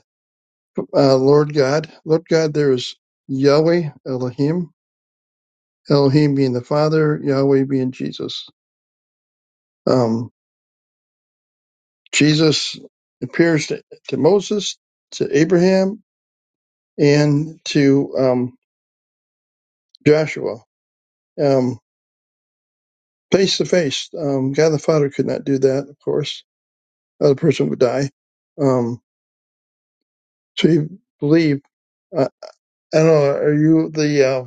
Speaker 4: uh, "Lord God, Lord God, there is Yahweh Elohim, Elohim being the Father, Yahweh being Jesus." Um, Jesus appears to, to Moses, to Abraham, and to um, Joshua um, face to face. Um, God the Father could not do that, of course. Other person would die. Um, so you believe? Uh, I don't know. Are you the? Uh,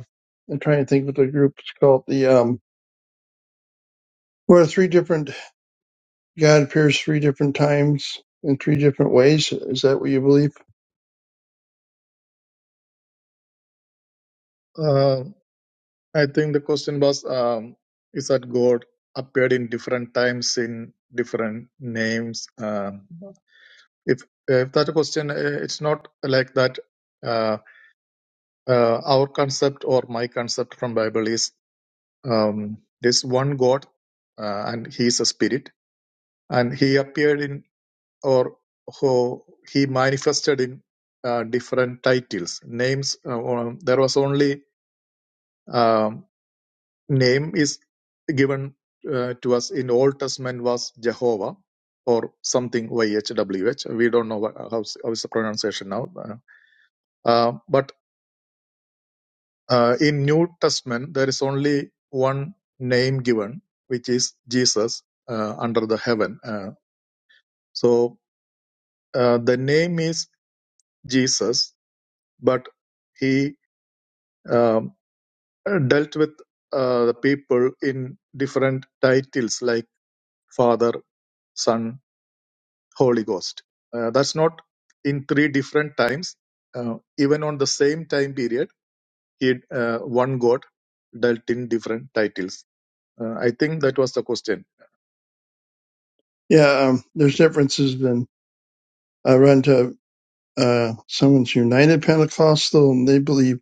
Speaker 4: I'm trying to think what the group is called. The um, where three different God appears three different times in three different ways. Is that what you believe?
Speaker 5: Uh, I think the question was um, is that God appeared in different times in different names? Um, if, if that question, uh, it's not like that. Uh, uh, our concept or my concept from Bible is um, this one God, uh, and He is a spirit, and He appeared in or who he manifested in uh, different titles names uh, um, there was only um, name is given uh, to us in old testament was jehovah or something yhwh we don't know what, how how is the pronunciation now Uh, uh, but uh, in new testament there is only one name given which is jesus uh, under the heaven Uh, so uh, the name is jesus but he um, dealt with uh, the people in different titles like Father, Son, Holy Ghost. Uh, that's not in three different times. Uh, even on the same time period, he uh, one God dealt in different titles. Uh, I think that was the question.
Speaker 4: Yeah. Um, there's differences in. I run to Uh, someone's United Pentecostal, and they believe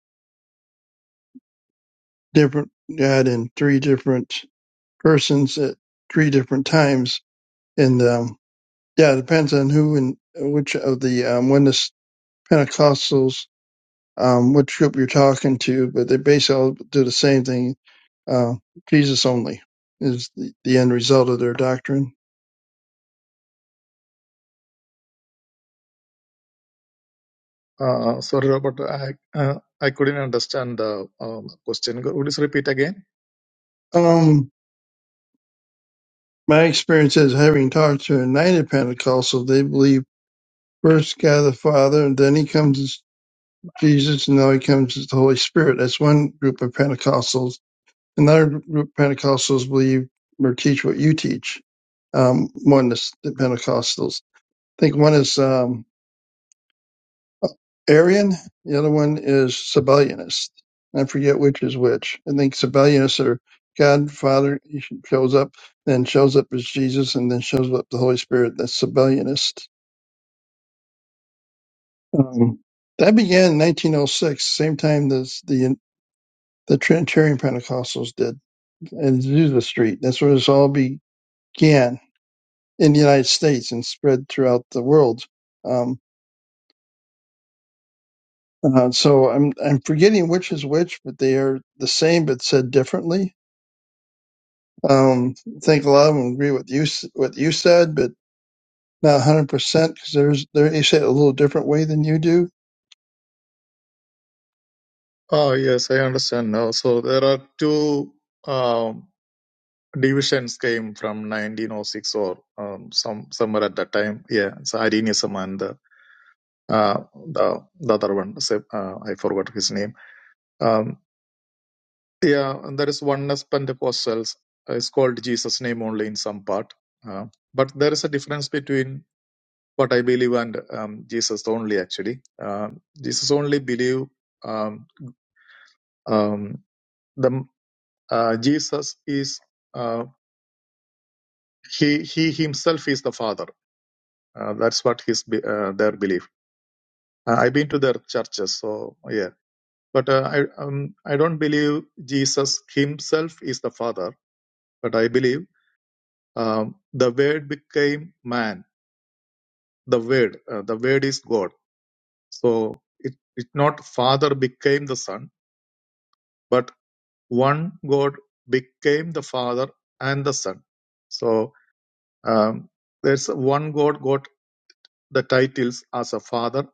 Speaker 4: different God in three different persons at three different times. And um, yeah, it depends on who and which of the um, when the Pentecostals, um, which group you're talking to, but they basically all do the same thing. Uh, Jesus only is the, the end result of their doctrine.
Speaker 5: Uh, sorry, Robert, I uh, I couldn't understand the um, question. Would you repeat again?
Speaker 4: Um, my experience is having talked to a United Pentecostal, they believe first God the Father, and then he comes. Jesus, and now he comes as the Holy Spirit. That's one group of Pentecostals. Another group of Pentecostals believe or teach what you teach. Um, one is the Pentecostals. I think one is um, Arian, the other one is Sabellianist. I forget which is which. I think Sabellianists are God, Father, he shows up, then shows up as Jesus, and then shows up the Holy Spirit. That's Sabellianist. Um, that began in 1906, same time as the the Trinitarian Pentecostals did and Azusa Street. That's where this all began in the United States and spread throughout the world. Um, uh, so I'm I'm forgetting which is which, but they are the same but said differently. Um, I think a lot of them agree with you s- what you said, but not 100 percent because there's there they say it a little different way than you do.
Speaker 5: Oh yes, I understand now. So there are two. um, divisions came from 1906 or um, some somewhere at that time. Yeah, it's Arianism and the uh, the, the other one. Uh, I forgot his name. Um, yeah, and there is oneness Pentecostals. It's called Jesus' name only in some part, uh, but there is a difference between what I believe and um, Jesus only. Actually, Um Jesus only believe um, um, the uh, Jesus is uh, he he himself is the Father Uh, that's what his be- uh, their belief. Uh, I've been to their churches, so yeah. But uh, I um, I don't believe Jesus himself is the Father, but I believe um, the Word became man. The Word, uh, the Word is God. So it it not Father became the Son, but one God became the Father and the Son. So um, there's one God got the titles as a Father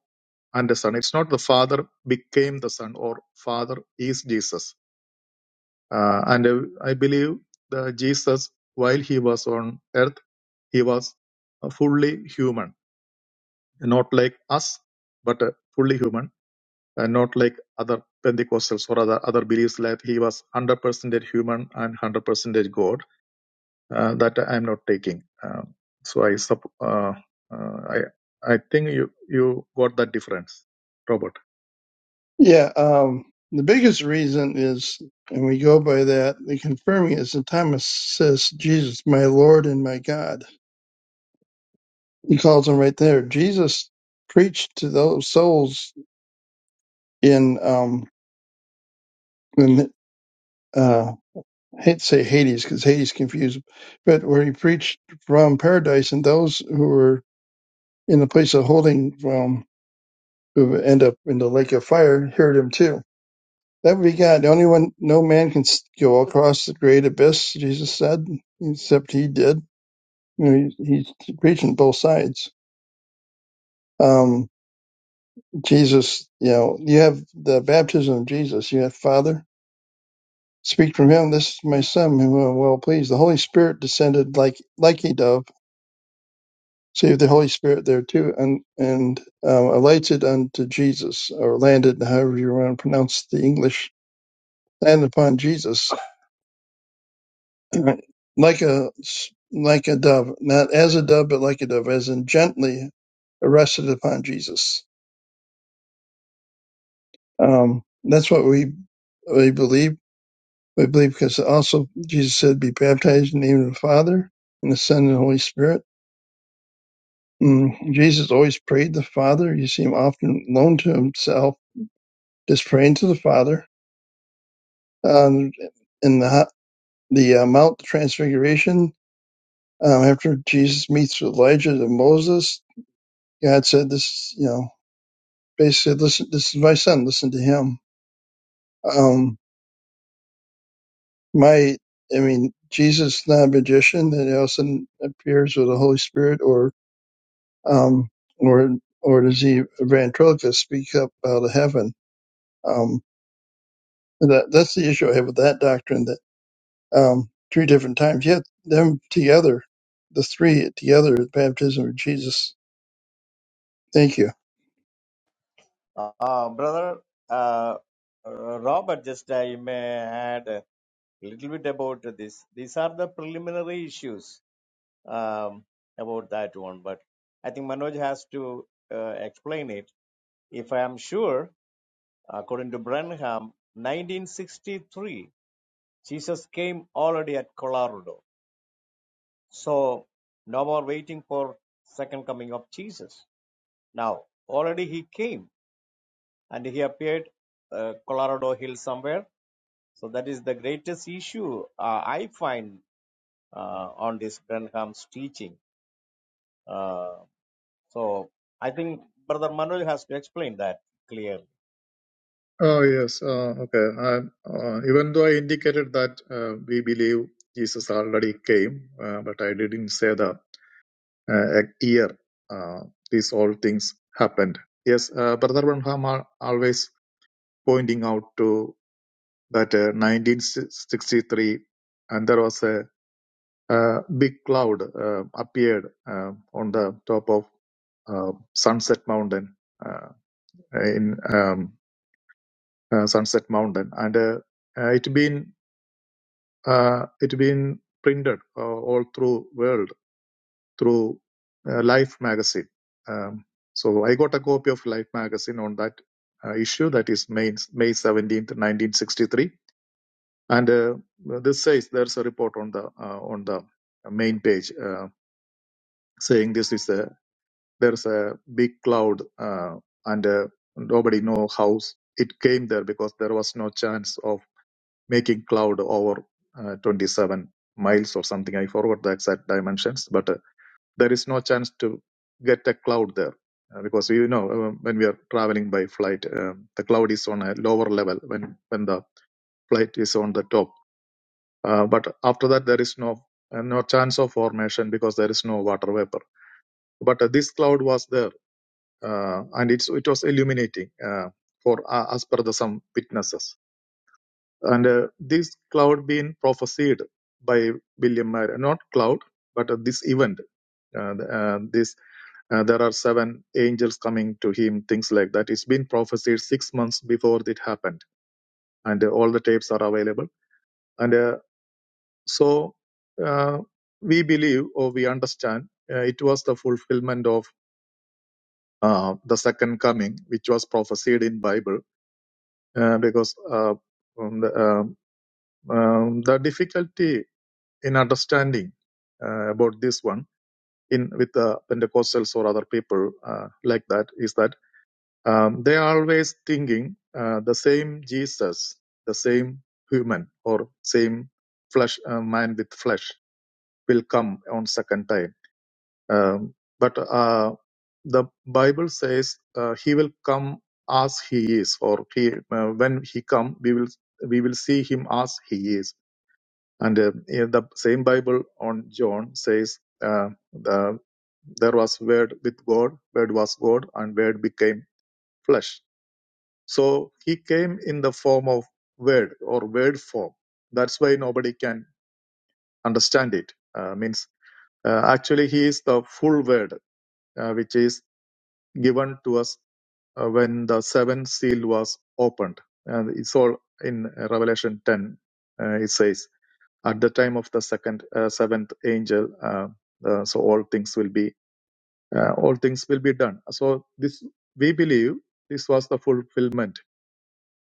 Speaker 5: and the Son. It's not the Father became the Son or Father is Jesus. Uh, and uh, I believe the Jesus, while he was on earth, he was uh, fully human, not like us, but uh, fully human, and not like other Pentecostals or other, other beliefs that he was 100% human and 100% God. Uh, that I'm not taking. Uh, so I, sup- uh, uh, I I think you you got that difference, Robert.
Speaker 4: Yeah. Um, the biggest reason is, and we go by that, the confirming is the Thomas says, Jesus, my Lord and my God He calls them right there. Jesus preached to those souls in um in uh I hate to say Hades because Hades confused, 'em, but where he preached from paradise and those who were in the place of holding um who end up in the lake of fire heard him too. That would be God. The only one no man can s- go across the great abyss, Jesus said, except he did. You know, he, he's preaching both sides. Um Jesus, you know, you have the baptism of Jesus. You have Father, Speak from him, this is my son whom I am well pleased. The Holy Spirit descended like like a dove, saved the Holy Spirit there too, and and um, alighted unto Jesus, or landed, however you want to pronounce the English, landed upon Jesus, like a like a dove, not as a dove, but like a dove, as in gently arrested upon Jesus. Um, that's what we we believe. We believe because also Jesus said, "Be baptized in the name of the Father and the Son and the Holy Spirit." Mm, Jesus always prayed the Father. You see him often alone to himself, just praying to the Father. Um, in the hot- the uh, Mount Transfiguration, um, after Jesus meets with Elijah and Moses, God said, "This, is, you know, basically, listen. This is my son. Listen to him." Um, my, I mean, Jesus, is not a magician, that also appears with the Holy Spirit, or um, or or does he ventriloquist speak up out of heaven? Um, That that's the issue I have with that doctrine. That um, three different times, yet them together, the three together, the baptism of Jesus. Thank you.
Speaker 3: Uh, brother uh, uh, Robert, just I may add a little bit about this. These are the preliminary issues um, about that one, but I think Manoj has to uh, explain it. If I am sure, according to Branham, 1963, Jesus came already at Colorado. So no more waiting for second coming of Jesus. Now already he came and he appeared uh, Colorado Hill somewhere So that is the greatest issue uh, I find uh, on this Granham's teaching. Uh, so I think Brother Manoj has to explain that clearly.
Speaker 5: Oh, yes. Uh, okay. And, uh, even though I indicated that uh, we believe Jesus already came, uh, but I didn't say the uh, year uh, these all things happened. Yes, uh, Brother Branham are always pointing out to that uh, 1963, and there was a, uh big cloud uh, appeared uh, on the top of uh, Sunset Mountain uh, in um, uh, Sunset Mountain, and uh, uh, it been uh, it been printed uh, all through world through uh, Life magazine. Um, so I got a copy of Life magazine on that uh, issue that is May May seventeenth, nineteen sixty three, and uh, this says there's a report on the uh, on the main page uh, saying this is a there's a big cloud uh, and uh, nobody know how it came there because there was no chance of making cloud over uh, 27 miles or something. I forgot the exact dimensions, but uh, there is no chance to get a cloud there uh, because you know uh, when we are traveling by flight, um the cloud is on a lower level when when the flight is on the top. Uh, but after that, there is no uh, no chance of formation because there is no water vapor. But uh, this cloud was there, uh, and it's it was illuminating uh, for uh, as per the some witnesses And uh, this cloud being prophesied by William Mary, not cloud, but uh, this event. Uh, th- uh, this uh, there are seven angels coming to him, things like that. It's been prophesied six months before it happened, and uh, all the tapes are available. And uh, so uh, we believe or we understand uh, it was the fulfillment of uh, the second coming, which was prophesied in Bible, uh, because uh, um, the, um, um, the difficulty in understanding uh, about this one in with the uh, Pentecostals or other people uh, like that is that um, they are always thinking uh, the same Jesus, the same human or same flesh uh, man with flesh will come on second time. Um, but uh, the Bible says uh, he will come as he is, or he uh, when he come we will we will see him as he is and uh, in the same Bible on John says, uh, the, there was word with God, word was God, and word became flesh. So he came in the form of word or word form. That's why nobody can understand it. Uh, means uh, actually he is the full word, uh, which is given to us uh, when the seventh seal was opened. And it's all in Revelation 10. uh, it says. at the time of the second uh, seventh angel uh, uh, so all things will be uh, all things will be done so this we believe this was the fulfillment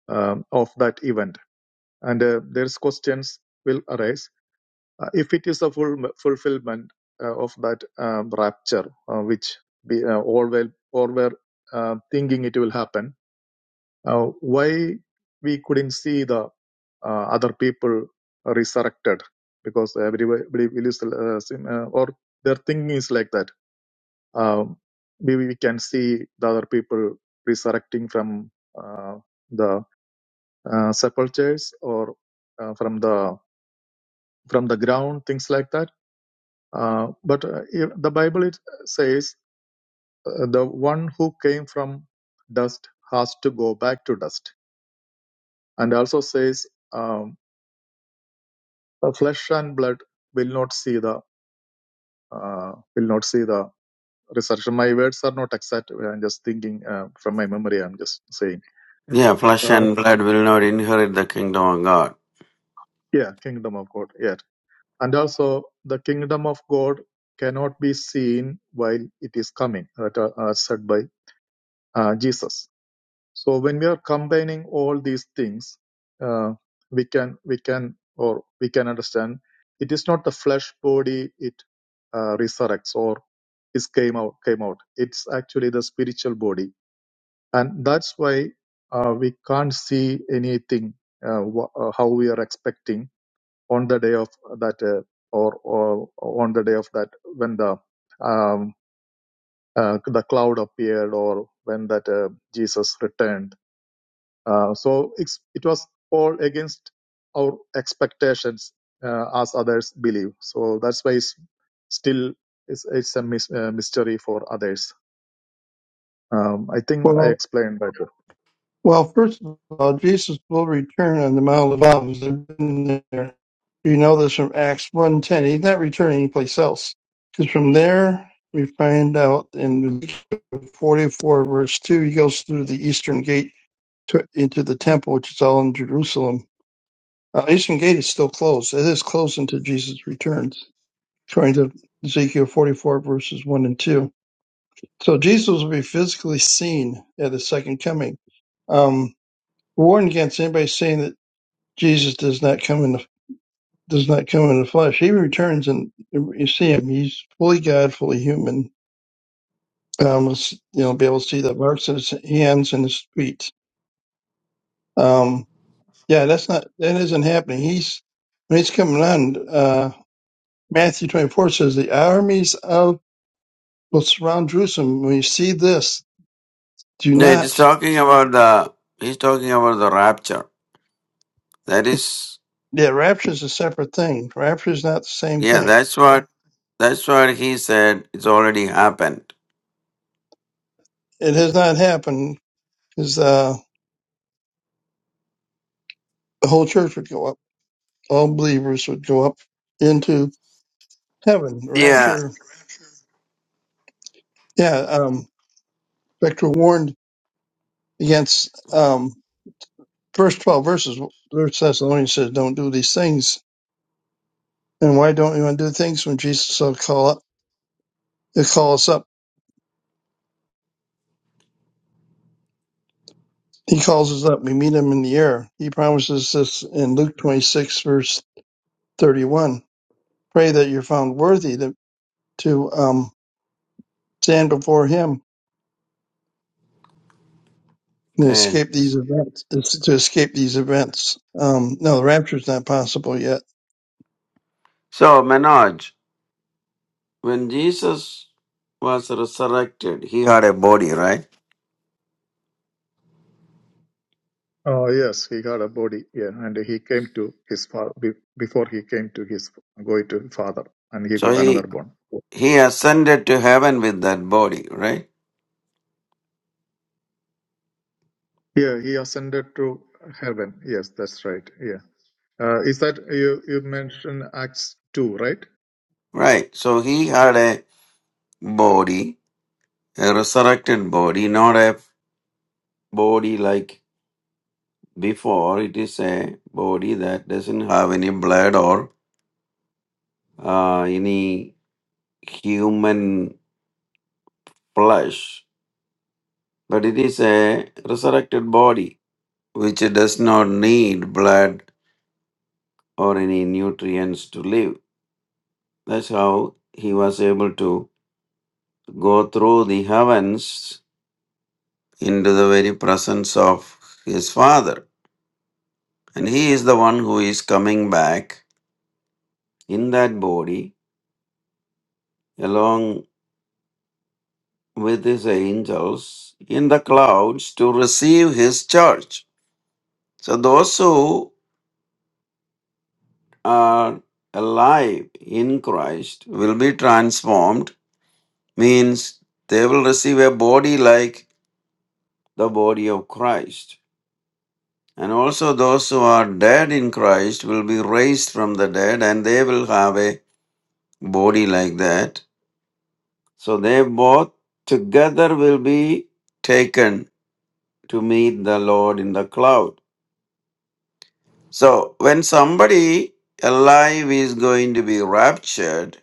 Speaker 5: um, of that event and uh, there's questions will arise uh, if it is a full fulfillment uh, of that um, rapture uh, which we uh, all well or were uh, thinking it will happen uh, why we couldn't see the uh, other people resurrected because everybody believes uh, uh, or their thinking is like that. Um, maybe we can see the other people resurrecting from uh, the uh, sepulchres or uh, from the from the ground, things like that. Uh, but uh, if- the Bible it says uh, the one who came from dust has to go back to dust, and also says um, the flesh and blood will not see the uh, will not see the research. My words are not exact. I'm just thinking uh, from my memory. I'm just saying.
Speaker 2: Yeah, flesh
Speaker 5: Uh,
Speaker 2: and blood will not inherit the kingdom of God.
Speaker 5: yeah, kingdom of God. Yeah, and also the kingdom of God cannot be seen while it is coming. That are, are said by uh, Jesus. So when we are combining all these things, uh, we can we can or we can understand it is not the flesh body it uh, resurrects or is came out came out. It's actually the spiritual body and that's why uh, we can't see anything uh, wh- uh, how we are expecting on the day of that uh, or, or on the day of that when the um, uh, the cloud appeared or when that uh, Jesus returned. Uh, so it's, it was all against our expectations uh, as others believe. So that's why it's still it's, it's a mis- uh, mystery for others. Um, I think I
Speaker 4: Well,
Speaker 5: explained that.
Speaker 4: well, first of all, Jesus will return on the Mount of Olives. They've been there. You know this from Acts one ten. He's not returning anyplace else, because from there we find out in forty four verse two, he goes through the eastern gate to, into the temple, which is all in Jerusalem Uh, Eastern Gate is still closed. It is closed until Jesus returns, according to Ezekiel 44, verses 1 and 2. So Jesus will be physically seen at his second coming. Um, warn against anybody saying that Jesus does not come in the, does not come in the flesh. He returns and you see him. He's fully God, fully human. Um, let's, you know, be able to see the marks in his hands and his feet. Um, yeah, that's not that isn't happening. He's when he's coming on. Uh, Matthew 24 says, The armies of will surround Jerusalem. When you see this, do
Speaker 2: No, it is
Speaker 4: not.
Speaker 2: talking about the. He's talking about the rapture. That is,
Speaker 4: Yeah, rapture is a separate thing. Rapture is not the same
Speaker 2: yeah,
Speaker 4: thing.
Speaker 2: that's what that's what he said. It's already happened.
Speaker 4: It has not happened because uh, the whole church would go up. All believers would go up into heaven.
Speaker 2: Yeah.
Speaker 4: Rapture, yeah, um, Victor warned against um, first 12 verses. First Thessalonians says, Don't do these things. And why don't you want to do things when Jesus will call, up, he'll call us up? He calls us up. We meet him in the air. He promises us in Luke 26, verse 31 pray that you're found worthy to, to um, stand before him and
Speaker 2: Okay.
Speaker 4: escape these events, to escape these events. Um, no, the rapture's not possible yet.
Speaker 2: So Manoj, when Jesus was resurrected, he had a body, right?
Speaker 5: Oh, yes, he got a body, yeah, and he came to his father before he came to his going to father, and he
Speaker 2: So
Speaker 5: got another
Speaker 2: he
Speaker 5: born.
Speaker 2: he ascended to heaven with that body, right?
Speaker 5: Yeah, he ascended to heaven. Yes, that's right. Yeah, uh, is that you? You mentioned Acts two, right?
Speaker 2: Right. So he had a body, a resurrected body, not a body like before. It is a body that doesn't have any blood or uh, any human flesh, but it is a resurrected body which does not need blood or any nutrients to live. That's how he was able to go through the heavens into the very presence of his father And he is the one who is coming back in that body along with his angels in the clouds to receive his church. So those who are alive in Christ will be transformed, means they will receive a body like the body of Christ. And also those who are dead in Christ will be raised from the dead and they will have a body like that So they both together will be taken to meet the Lord in the cloud. So when somebody alive is going to be raptured,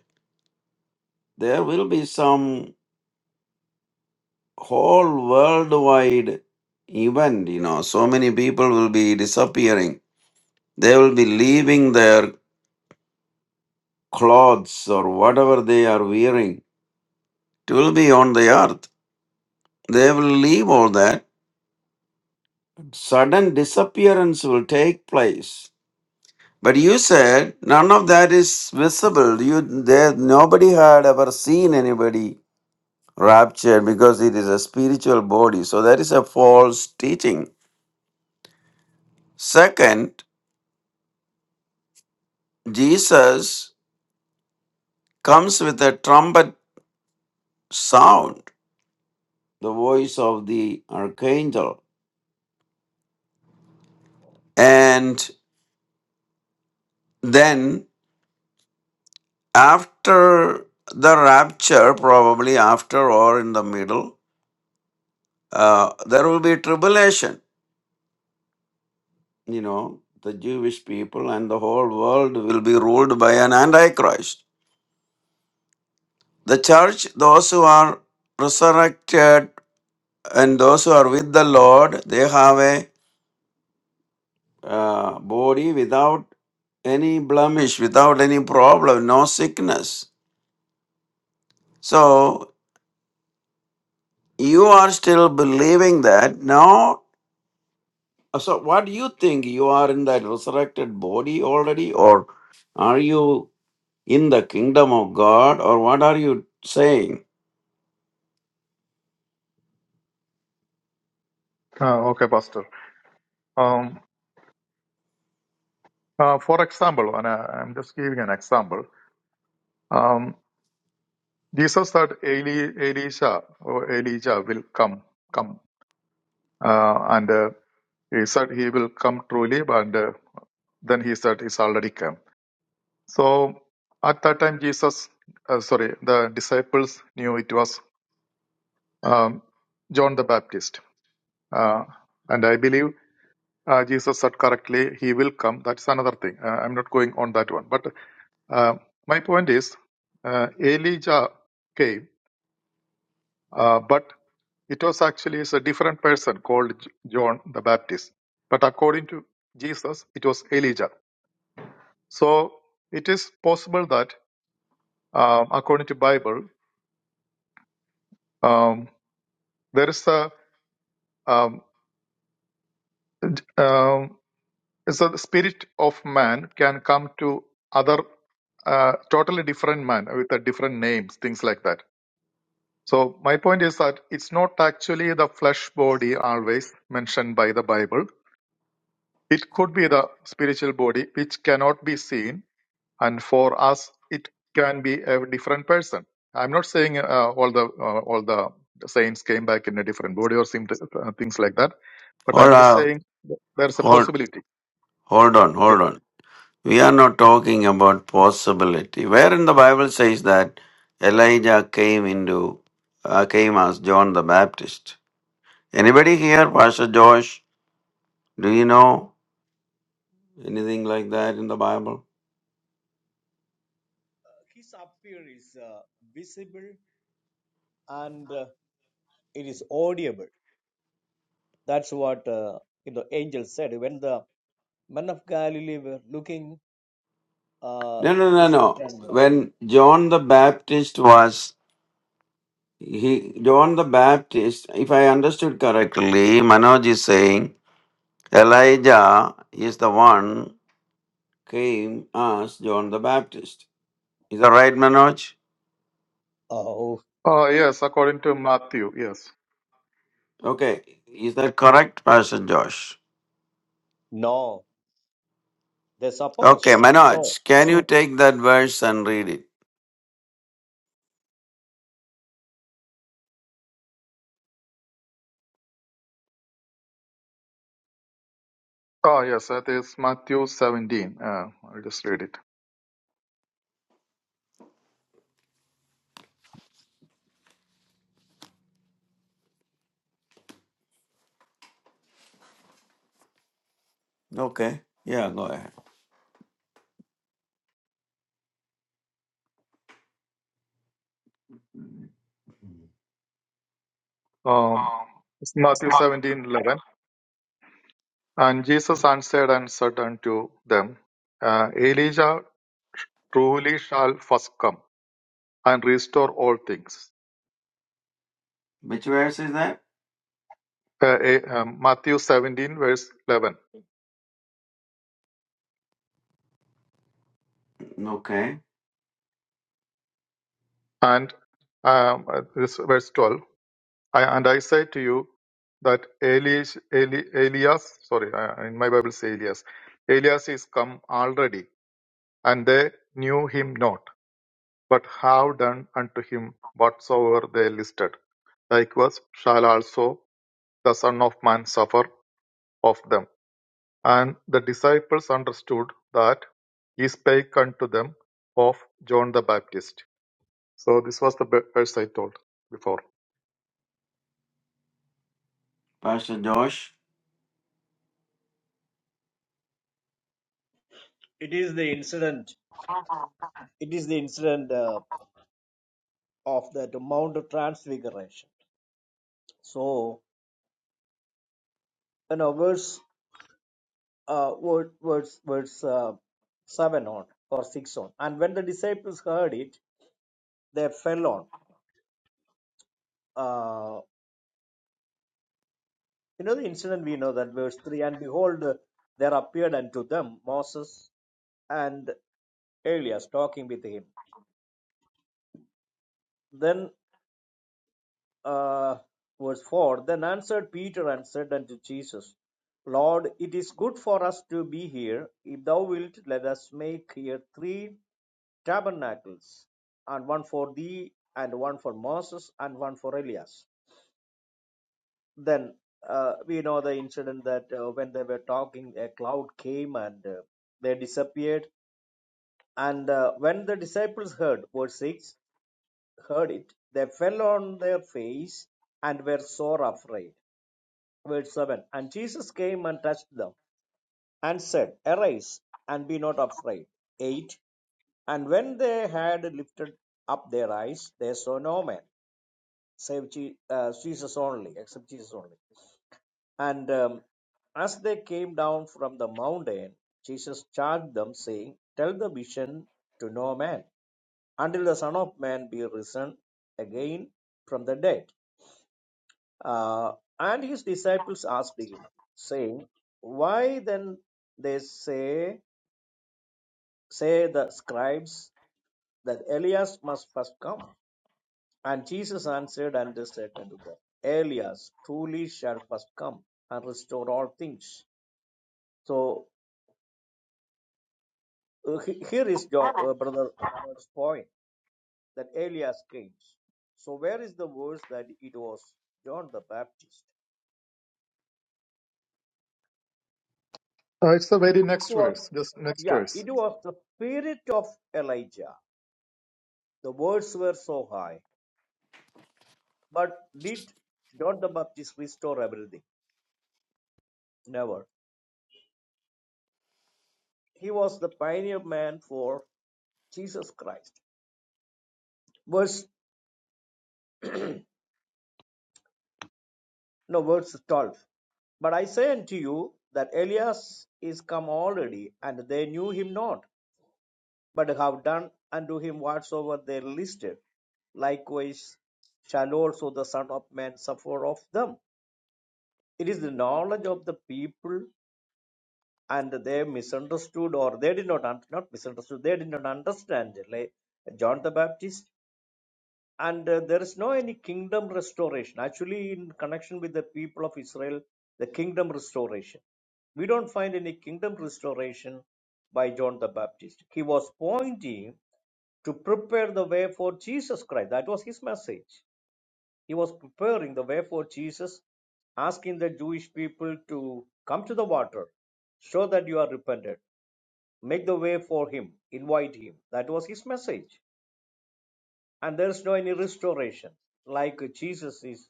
Speaker 2: there will be some whole worldwide event, you know, so many people will be disappearing. They will be leaving their clothes or whatever they are wearing. It will be on the earth. They will leave all that. Sudden disappearance will take place But you said none of that is visible. You there nobody had ever seen anybody raptured because it is a spiritual body. So that is a false teaching. Second, Jesus comes with a trumpet sound, the voice of the archangel. And then after the rapture, probably after or in the middle, uh, there will be tribulation you know, the Jewish people and the whole world will be ruled by an antichrist. The church, those who are resurrected and those who are with the Lord, they have a uh, body without any blemish, without any problem, no sickness. So you are still believing that. Now, so what do you think? You are in that resurrected body already, or are you in the kingdom of God, or what are you saying?
Speaker 5: Ah, okay, Pastor. Um, uh, for example, and I, I'm just giving an example. Um, Jesus said Eli, Elisha or Elijah will come, come, uh, and uh, he said he will come truly, but uh, then he said he's already come. So at that time, Jesus, uh, sorry, the disciples knew it was um, John the Baptist. Uh, and I believe uh, Jesus said correctly, he will come. That's another thing. Uh, I'm not going on that one. But uh, my point is, uh, Elijah came, uh, but it was actually it's a different person called J- John the Baptist. But according to Jesus, it was Elijah. So it is possible that, um, according to Bible, um, there is a Um, d- um, so the spirit of man can come to other, uh, totally different man with a different names, things like that. So my point is that it's not actually the flesh body always mentioned by the Bible. It could be the spiritual body which cannot be seen, and for us it can be a different person. I'm not saying uh, all the uh, all the saints came back in a different body or seemed, uh, things like that, but
Speaker 2: Hold
Speaker 5: I'm just
Speaker 2: on,
Speaker 5: saying there's a
Speaker 2: hold,
Speaker 5: possibility.
Speaker 2: hold on, hold on. We are not talking about possibility. Where in the Bible says that Elijah came into, uh, came as John the Baptist? Anybody here, Pastor Josh? Do you know anything like that in the Bible?
Speaker 3: His appeal is uh, visible and uh, it is audible. That's what uh, you know, angel said when the men of Galilee were looking uh,
Speaker 2: No, no, no,
Speaker 3: his
Speaker 2: no.
Speaker 3: return.
Speaker 2: When John the Baptist was, he, John the Baptist, if I understood correctly, Manoj is saying Elijah is the one came as John the Baptist. Is that right, Manoj?
Speaker 3: Oh
Speaker 5: Oh, yes, according to Matthew, yes.
Speaker 2: Okay. Is that correct, Pastor Josh?
Speaker 3: no, they
Speaker 2: Okay,
Speaker 3: suppose so.
Speaker 2: Manoj, can you take that verse and read it?
Speaker 5: Oh, yes, that is Matthew 17. Uh, I'll just read it.
Speaker 2: Okay. Yeah, go ahead.
Speaker 5: Um, it's Matthew 17, 11. And Jesus answered and said unto them, uh, Elijah truly shall first come and restore all things.
Speaker 2: Which verse is that?
Speaker 5: Uh, eh, um, Matthew 17, verse 11.
Speaker 2: Okay.
Speaker 5: And um, uh, this verse 12. I, and I say to you that Elias, Eli, Elias sorry, uh, in my Bible, say Elias, Elias is come already And they knew him not, but have done unto him whatsoever they listed. Likewise shall also the Son of Man suffer of them. And the disciples understood that he spake unto them of John the Baptist. So this was the verse I told before.
Speaker 2: Pastor Josh.
Speaker 3: It is the incident. It is the incident uh, of that Mount of Transfiguration So, you know, verse, uh, word, verse, verse uh, 7 on or 6 on. And when the disciples heard it, they fell on. Uh, you know, the incident we know that verse 3 and behold, uh, there appeared unto them Moses and Elias talking with him. Then. uh, verse 4 Then answered Peter and said unto Jesus, Lord, it is good for us to be here. If thou wilt, let us make here three tabernacles, and one for thee, and one for Moses, and one for Elias. Then uh, we know the incident that uh, when they were talking, a cloud came and uh, they disappeared. And uh, when the disciples heard, verse 6, heard it, they fell on their face and were sore afraid. verse 7 and jesus came and touched them and said arise and be not afraid 8 and when they had lifted up their eyes they saw no man save uh, jesus only except jesus only and um, as they came down from the mountain jesus charged them saying tell the vision to no man until the son of man be risen again from the dead Uh, and his disciples asked him, saying, Why then they say, say the scribes that Elias must first come? And Jesus answered and said unto them, Elias truly shall first come and restore all things. So uh, he- here is your uh, brother John's point that Elias came. So where is the verse that it was John the Baptist?
Speaker 5: Uh, it's the very
Speaker 3: It
Speaker 5: next
Speaker 3: was
Speaker 5: verse, just next
Speaker 3: yeah,
Speaker 5: verse.
Speaker 3: it was the spirit of Elijah The walls were so high. But did John the Baptist restore everything? Never. He was the pioneer man for Jesus Christ. Verse no verse 12. But I say unto you that Elias is come already, and they knew him not, but have done unto him whatsoever they listed. Likewise shall also the Son of Man suffer of them. It is the knowledge of the people and they misunderstood or they did not un- not misunderstood they did not understand like john the baptist and uh, there is no any kingdom restoration actually in connection with the people of israel the kingdom restoration we don't find any kingdom restoration by john the baptist he was pointing to prepare the way for jesus christ that was his message he was preparing the way for jesus asking the jewish people to come to the water show that you are repented Make the way for him, invite him. That was his message. And there's no any restoration like Jesus is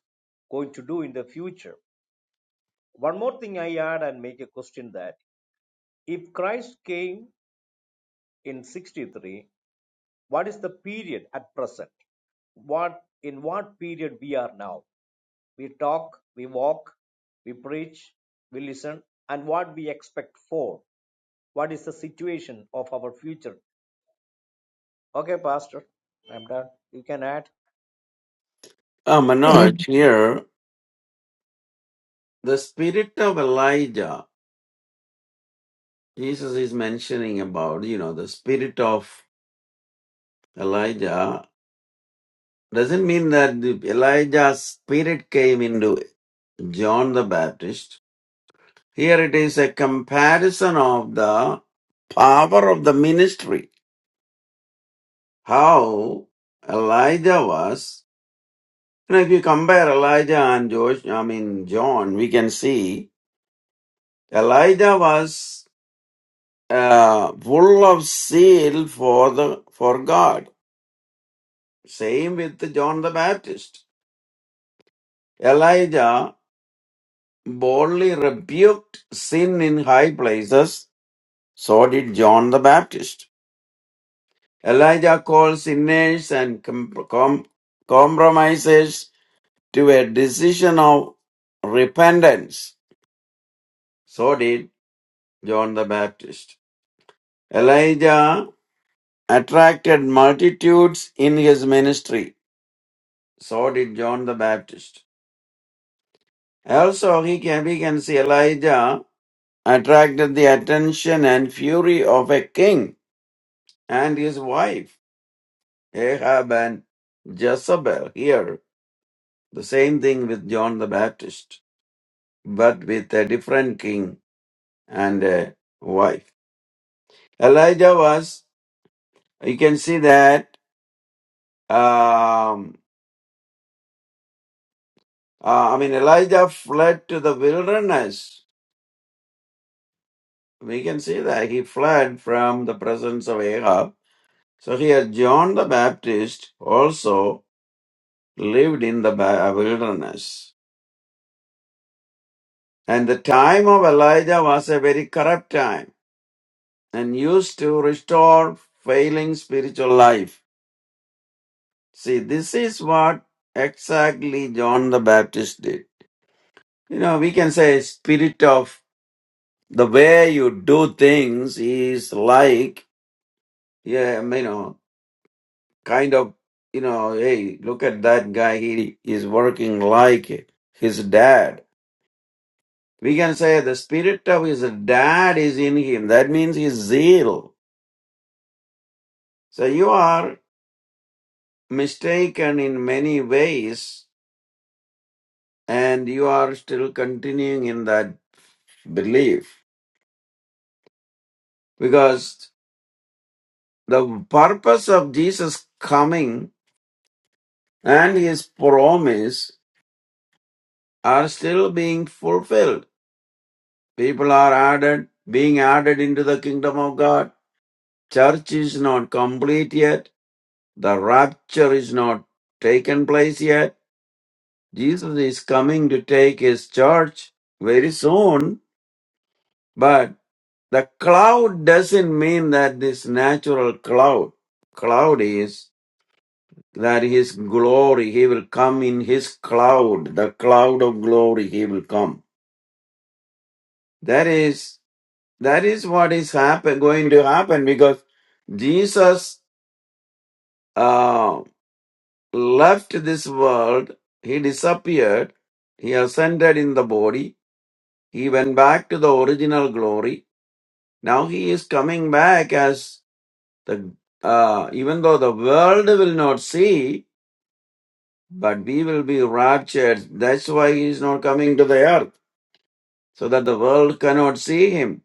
Speaker 3: going to do in the future. One more thing I add and make a question that if Christ came in 63, what is the period at present? What in what period we are now? We talk, we walk, we preach, we listen, and what we expect for. What is the situation of our future? Okay, Pastor, I'm done. You can add.
Speaker 2: Ah,
Speaker 4: Uh,
Speaker 2: Manoj, here, the spirit of Elijah, Jesus is mentioning about, you know, the spirit of Elijah doesn't mean that the- Elijah's spirit came into John the Baptist. Here it is a comparison of the power of the ministry. How Elijah was. You know, if you compare Elijah and Josh, I mean John, we can see Elijah was uh, full of zeal for the for God. Same with John the Baptist. Elijah boldly rebuked sin in high places. So did John the Baptist. Elijah calls sinners and com- com- compromisers to a decision of repentance. So did John the Baptist. Elijah attracted multitudes in his ministry. So did John the Baptist. Also, he can, we can see Elijah attracted the attention and fury of a king and his wife, Ahab and Jezebel. Here, the same thing with John the Baptist. but with a different king and a wife. Elijah was, you can see that, um, uh, I mean, Elijah fled to the wilderness. We can see that he fled from the presence of Ahab. So here, John the Baptist also lived in the ba- uh, wilderness. And the time of Elijah was a very corrupt time and used to restore failing spiritual life. See, this is what exactly John the Baptist did. You know, we can say spirit of the way you do things is like, yeah, you know, kind of, you know, hey, look at that guy. He is working like his dad. We can say the spirit of his dad is in him. That means his zeal. So you are mistaken in many ways and you are still continuing in that belief Because the purpose of Jesus coming and his promise are still being fulfilled. People are added, being added into the kingdom of God. Church is not complete yet. The rapture is not taken place yet. Jesus is coming to take his church very soon, but the cloud doesn't mean that this natural cloud. Cloud is that his glory, he will come in his cloud, the cloud of glory, he will come. That is, that is what is happen, going to happen because Jesus uh, left this world, he disappeared, he ascended in the body, he went back to the original glory. Now he is coming back as the, uh, even though the world will not see, but we will be raptured. That's why he is not coming to the earth so that the world cannot see him,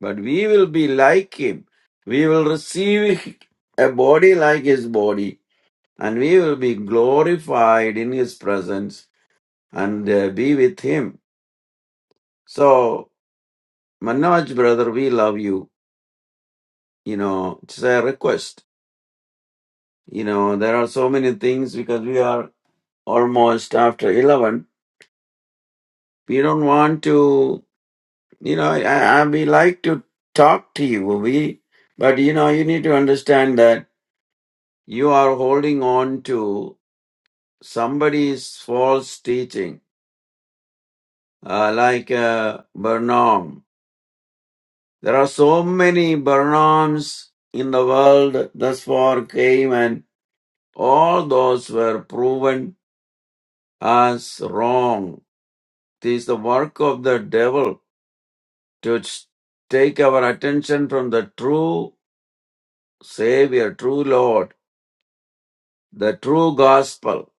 Speaker 2: but we will be like him. We will receive a body like his body, and we will be glorified in his presence and uh, be with him. So, Manoj, brother, we love you. You know, it's a request. You know, there are so many things because we are almost after 11. We don't want to, you know, I, I, we like to talk to you. We, but you know, you need to understand that you are holding on to somebody's false teaching, uh, like uh, Barnum. There are so many Barnums in the world thus far came, and all those were proven as wrong. It is the work of the devil to ch- take our attention from the true Savior, true Lord, the true gospel.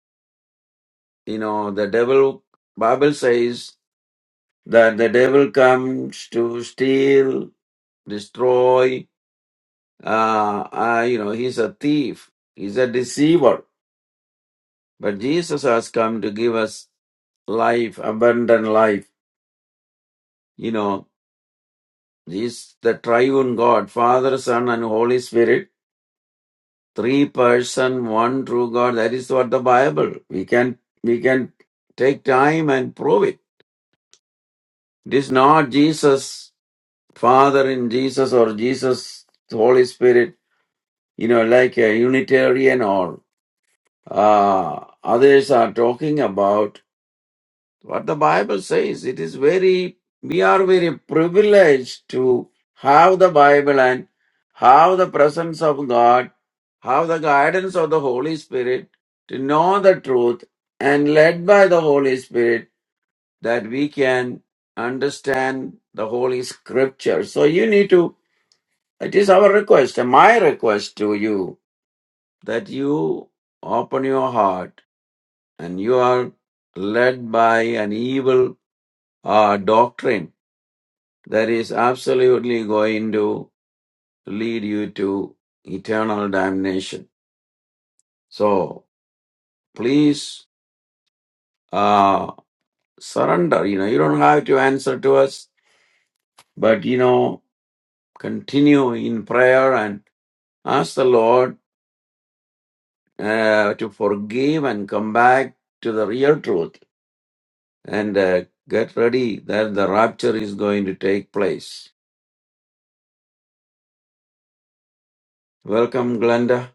Speaker 2: You know, the devil, Bible says, that the devil comes to steal, destroy. Uh, uh, you know, he's a thief, he's a deceiver. But Jesus has come to give us life, abundant life. You know, he's the triune God, Father, Son, and Holy Spirit, three person, one true God. That is what the Bible. We can we can take time and prove it. It is not Jesus, Father in Jesus, or Jesus, Holy Spirit you know, like a Unitarian or uh, others are talking about what the Bible says. It is very, we are very privileged to have the Bible and have the presence of God, have the guidance of the Holy Spirit to know the truth and led by the Holy Spirit that we can understand the Holy Scripture. So you need to, it is our request and my request to you that you open your heart and you are led by an evil uh, doctrine that is absolutely going to lead you to eternal damnation. So please uh, surrender. You know, you don't have to answer to us, but you know, continue in prayer and ask the Lord uh, to forgive and come back to the real truth and uh, get ready that the rapture is going to take place. Welcome, Glenda.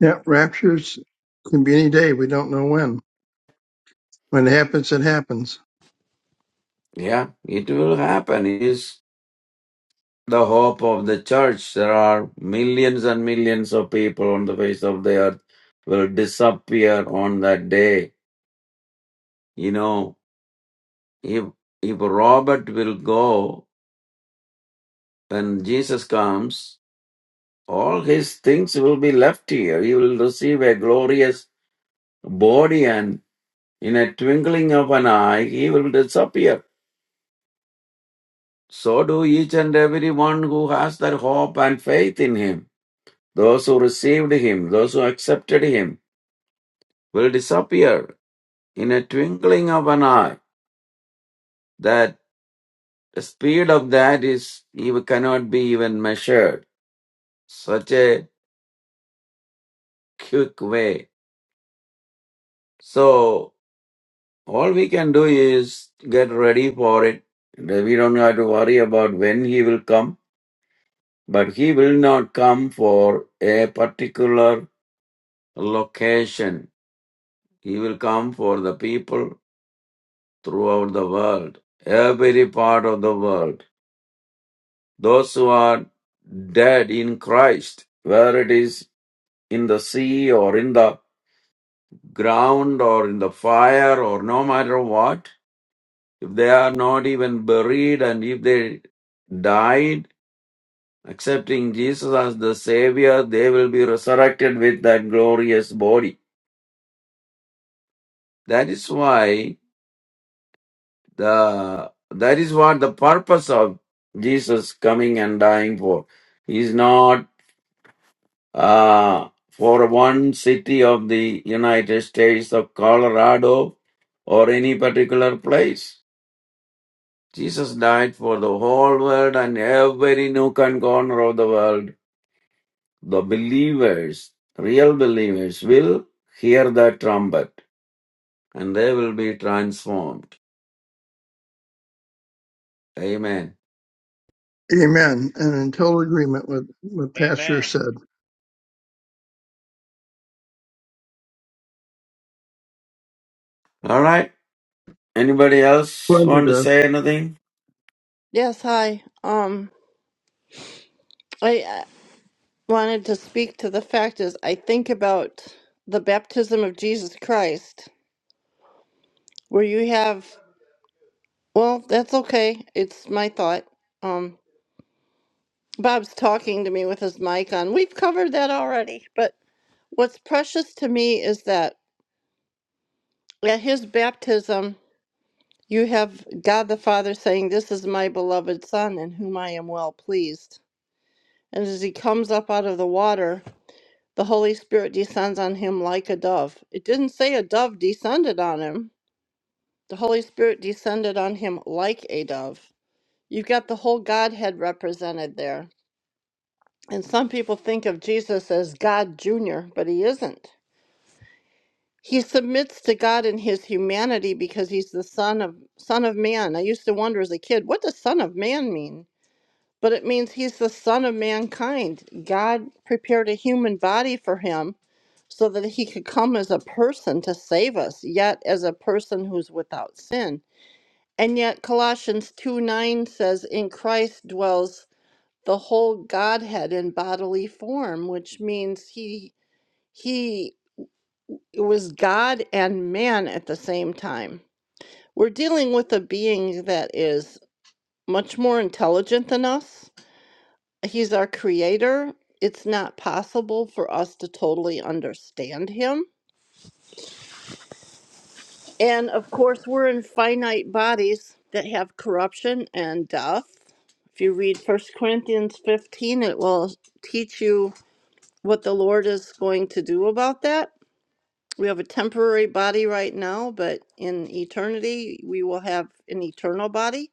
Speaker 4: Yeah, raptures can be any day. We don't know when. When it happens, it happens.
Speaker 2: Yeah, it will happen. It is the hope of the church. There are millions and millions of people on the face of the earth will disappear on that day. You know, if if Robert will go when Jesus comes, all his things will be left here. He will receive a glorious body and in a twinkling of an eye he will disappear So do each and every one who has that hope and faith in him. Those who received him, those who accepted him, will disappear in a twinkling of an eye. That the speed of that is even cannot be even measured. Such a quick way. So all we can do is get ready for it. We don't have to worry about when he will come, but he will not come for a particular location He will come for the people throughout the world, every part of the world. Those who are dead in Christ, whether it is in the sea or in the ground or in the fire or no matter what, if they are not even buried and if they died, accepting Jesus as the Savior, they will be resurrected with that glorious body. That is why The that is what the purpose of Jesus coming and dying for. He is not uh, for one city of the United States of Colorado or any particular place. Jesus died for the whole world and every nook and corner of the world. The believers, real believers, will hear that trumpet and they will be transformed. Amen.
Speaker 4: Amen. And in total agreement with what Pastor
Speaker 3: Amen.
Speaker 4: said.
Speaker 2: All right. Anybody else
Speaker 4: Blended
Speaker 2: want to
Speaker 4: us.
Speaker 2: say anything?
Speaker 6: Yes, hi. Um, I uh, wanted to speak to the fact is I think about the baptism of Jesus Christ, where you have, well, that's okay. It's my thought. Um, Bob's talking to me with his mic on. We've covered that already, but what's precious to me is that at his baptism, you have God the Father saying, "This is my beloved Son, in whom I am well pleased." And as he comes up out of the water, The Holy Spirit descends on him like a dove. It didn't say a dove descended on him. The Holy Spirit descended on him like a dove. You've got the whole Godhead represented there. And some people think of Jesus as God Jr., but he isn't. He submits to God in his humanity because he's the son of son of man. I used to wonder as a kid, what does son of man mean? But it means he's the son of mankind. God prepared a human body for him so that he could come as a person to save us, yet as a person who's without sin. And yet Colossians 2 9 says, In Christ dwells the whole Godhead in bodily form, which means he he was God and man at the same time. We're dealing with a being that is much more intelligent than us He's our creator. It's not possible for us to totally understand him. And of course, we're in finite bodies that have corruption and death. If you read First Corinthians 15, it will teach you what the Lord is going to do about that. We have a temporary body right now, but in eternity, we will have an eternal body.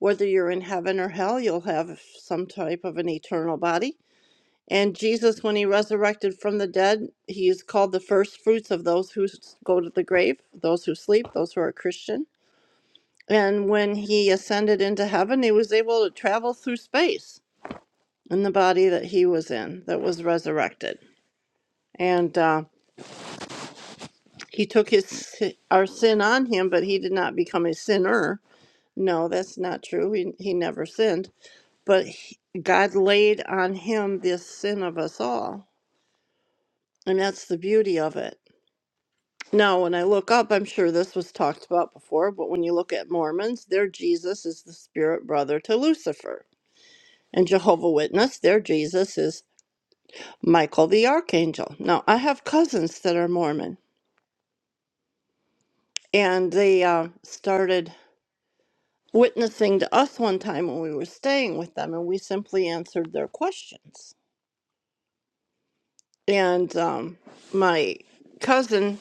Speaker 6: Whether you're in heaven or hell, you'll have some type of an eternal body And Jesus, when he resurrected from the dead, he is called the first fruits of those who s- go to the grave, those who sleep, those who are Christian. And when he ascended into heaven, he was able to travel through space in the body that he was in, that was resurrected. And uh, he took his si- our sin on him, but he did not become a sinner. No, that's not true. He, he never sinned. But he, God laid on him this sin of us all. And that's the beauty of it Now, when I look up, I'm sure this was talked about before, but when you look at Mormons, their Jesus is the spirit brother to Lucifer. And Jehovah Witness, their Jesus is Michael the Archangel. Now, I have cousins that are Mormon, and they uh, started witnessing to us one time when we were staying with them, and we simply answered their questions. And um, my cousin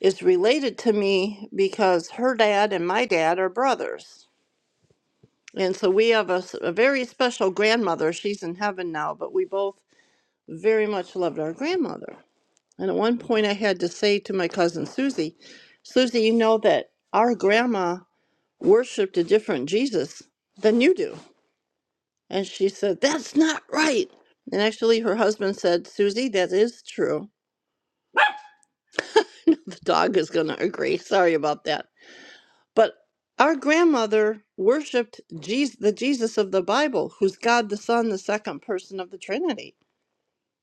Speaker 6: is related to me because her dad and my dad are brothers. And so we have a, s- a very special grandmother. She's in heaven now, but we both very much loved our grandmother. And at one point, I had to say to my cousin Susie, Susie, you know that our grandma worshiped a different Jesus than you do. And she said, That's not right. And actually, her husband said, Susie, that is true. The dog is going to agree. Sorry about that. But our grandmother worshiped Jesus, the Jesus of the Bible, who's God the Son, the second person of the Trinity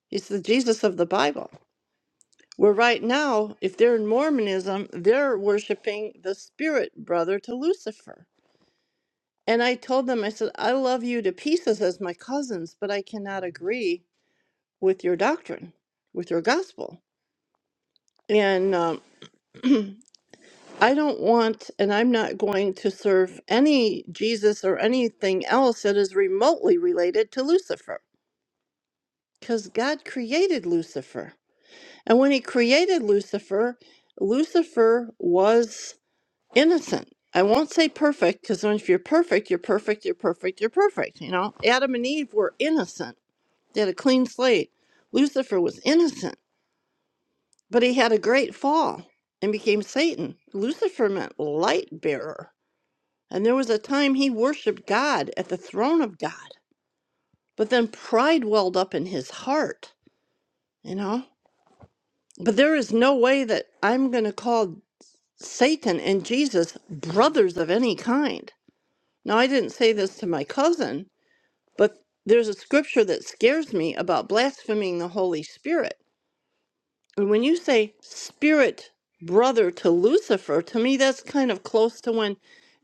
Speaker 6: He's the Jesus of the Bible. Where right now, if they're in Mormonism, they're worshiping the spirit brother to Lucifer. And I told them, I said, I love you to pieces as my cousins, but I cannot agree with your doctrine, with your gospel. And um, I don't want, and I'm not going to serve any Jesus or anything else that is remotely related to Lucifer, because God created Lucifer. And when he created Lucifer, Lucifer was innocent. I won't say perfect because if you're perfect, you're perfect, you're perfect, you're perfect. You know, Adam and Eve were innocent. They had a clean slate. Lucifer was innocent, but he had a great fall and became Satan. Lucifer meant light bearer. And there was a time he worshiped God at the throne of God. But then pride welled up in his heart, you know? But there is no way that I'm going to call Satan and Jesus brothers of any kind. Now, I didn't say this to my cousin, But there's a scripture that scares me about blaspheming the Holy Spirit. And when you say spirit brother to Lucifer, to me that's kind of close to when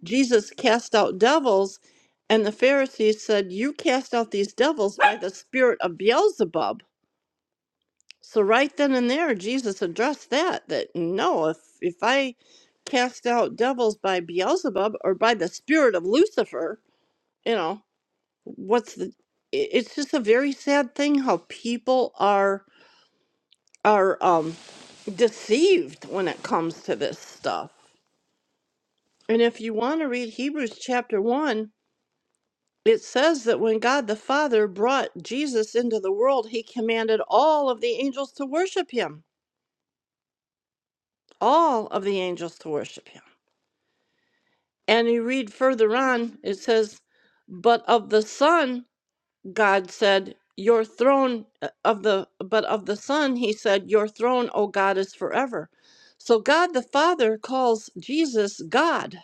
Speaker 6: Jesus cast out devils and the Pharisees said, You cast out these devils by the spirit of Beelzebub. So right then and there Jesus addressed that that no, if if I cast out devils by Beelzebub or by the spirit of Lucifer, you know what's the i- it's just a very sad thing how people are are um deceived when it comes to this stuff and if you want to read hebrews chapter 1 it says that when god the father brought jesus into the world he commanded all of the angels to worship him all of the angels to worship him and you read further on it says but of the son God said, Your throne uh, of the, but of the Son, he said, Your throne, O God, is forever. So God the Father calls Jesus God.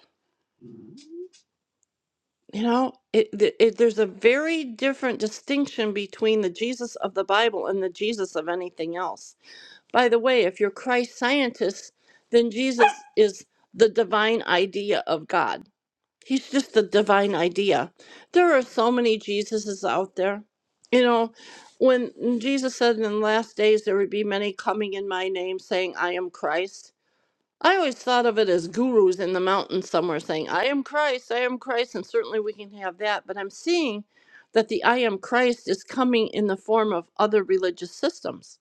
Speaker 6: You know, it, th- it, there's a very different distinction between the Jesus of the Bible and the Jesus of anything else. By the way, if you're Christ scientists, then Jesus is the divine idea of God He's just the divine idea. There are so many Jesuses out there. You know, when Jesus said in the last days there would be many coming in my name saying, I am Christ, I always thought of it as gurus in the mountains somewhere saying, I am Christ, I am Christ, and certainly we can have that. But I'm seeing that the I am Christ is coming in the form of other religious systems.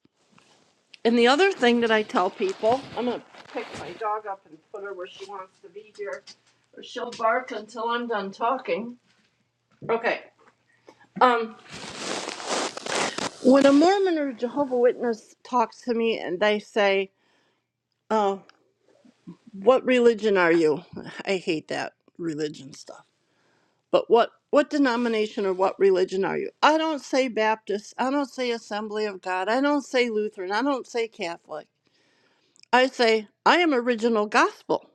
Speaker 6: And the other thing that I tell people, I'm going to pick my dog up and put her where she wants to be here, or she'll bark until I'm done talking Okay. Um, when a Mormon or Jehovah Witness talks to me and they say, "Oh, what religion are you?" I hate that religion stuff. But what what denomination or what religion are you? I don't say Baptist. I don't say Assembly of God. I don't say Lutheran. I don't say Catholic. I say I am Original Gospel,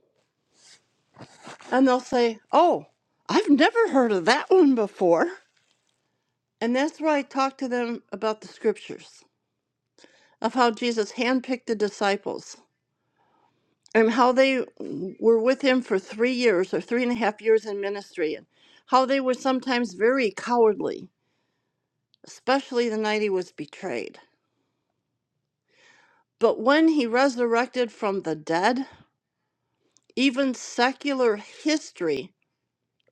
Speaker 6: and they'll say, "Oh, I've never heard of that one before." And that's where I talk to them about the scriptures of how Jesus handpicked the disciples and how they were with him for three years or three and a half years in ministry, and how they were sometimes very cowardly, especially the night he was betrayed. But when he resurrected from the dead, even secular history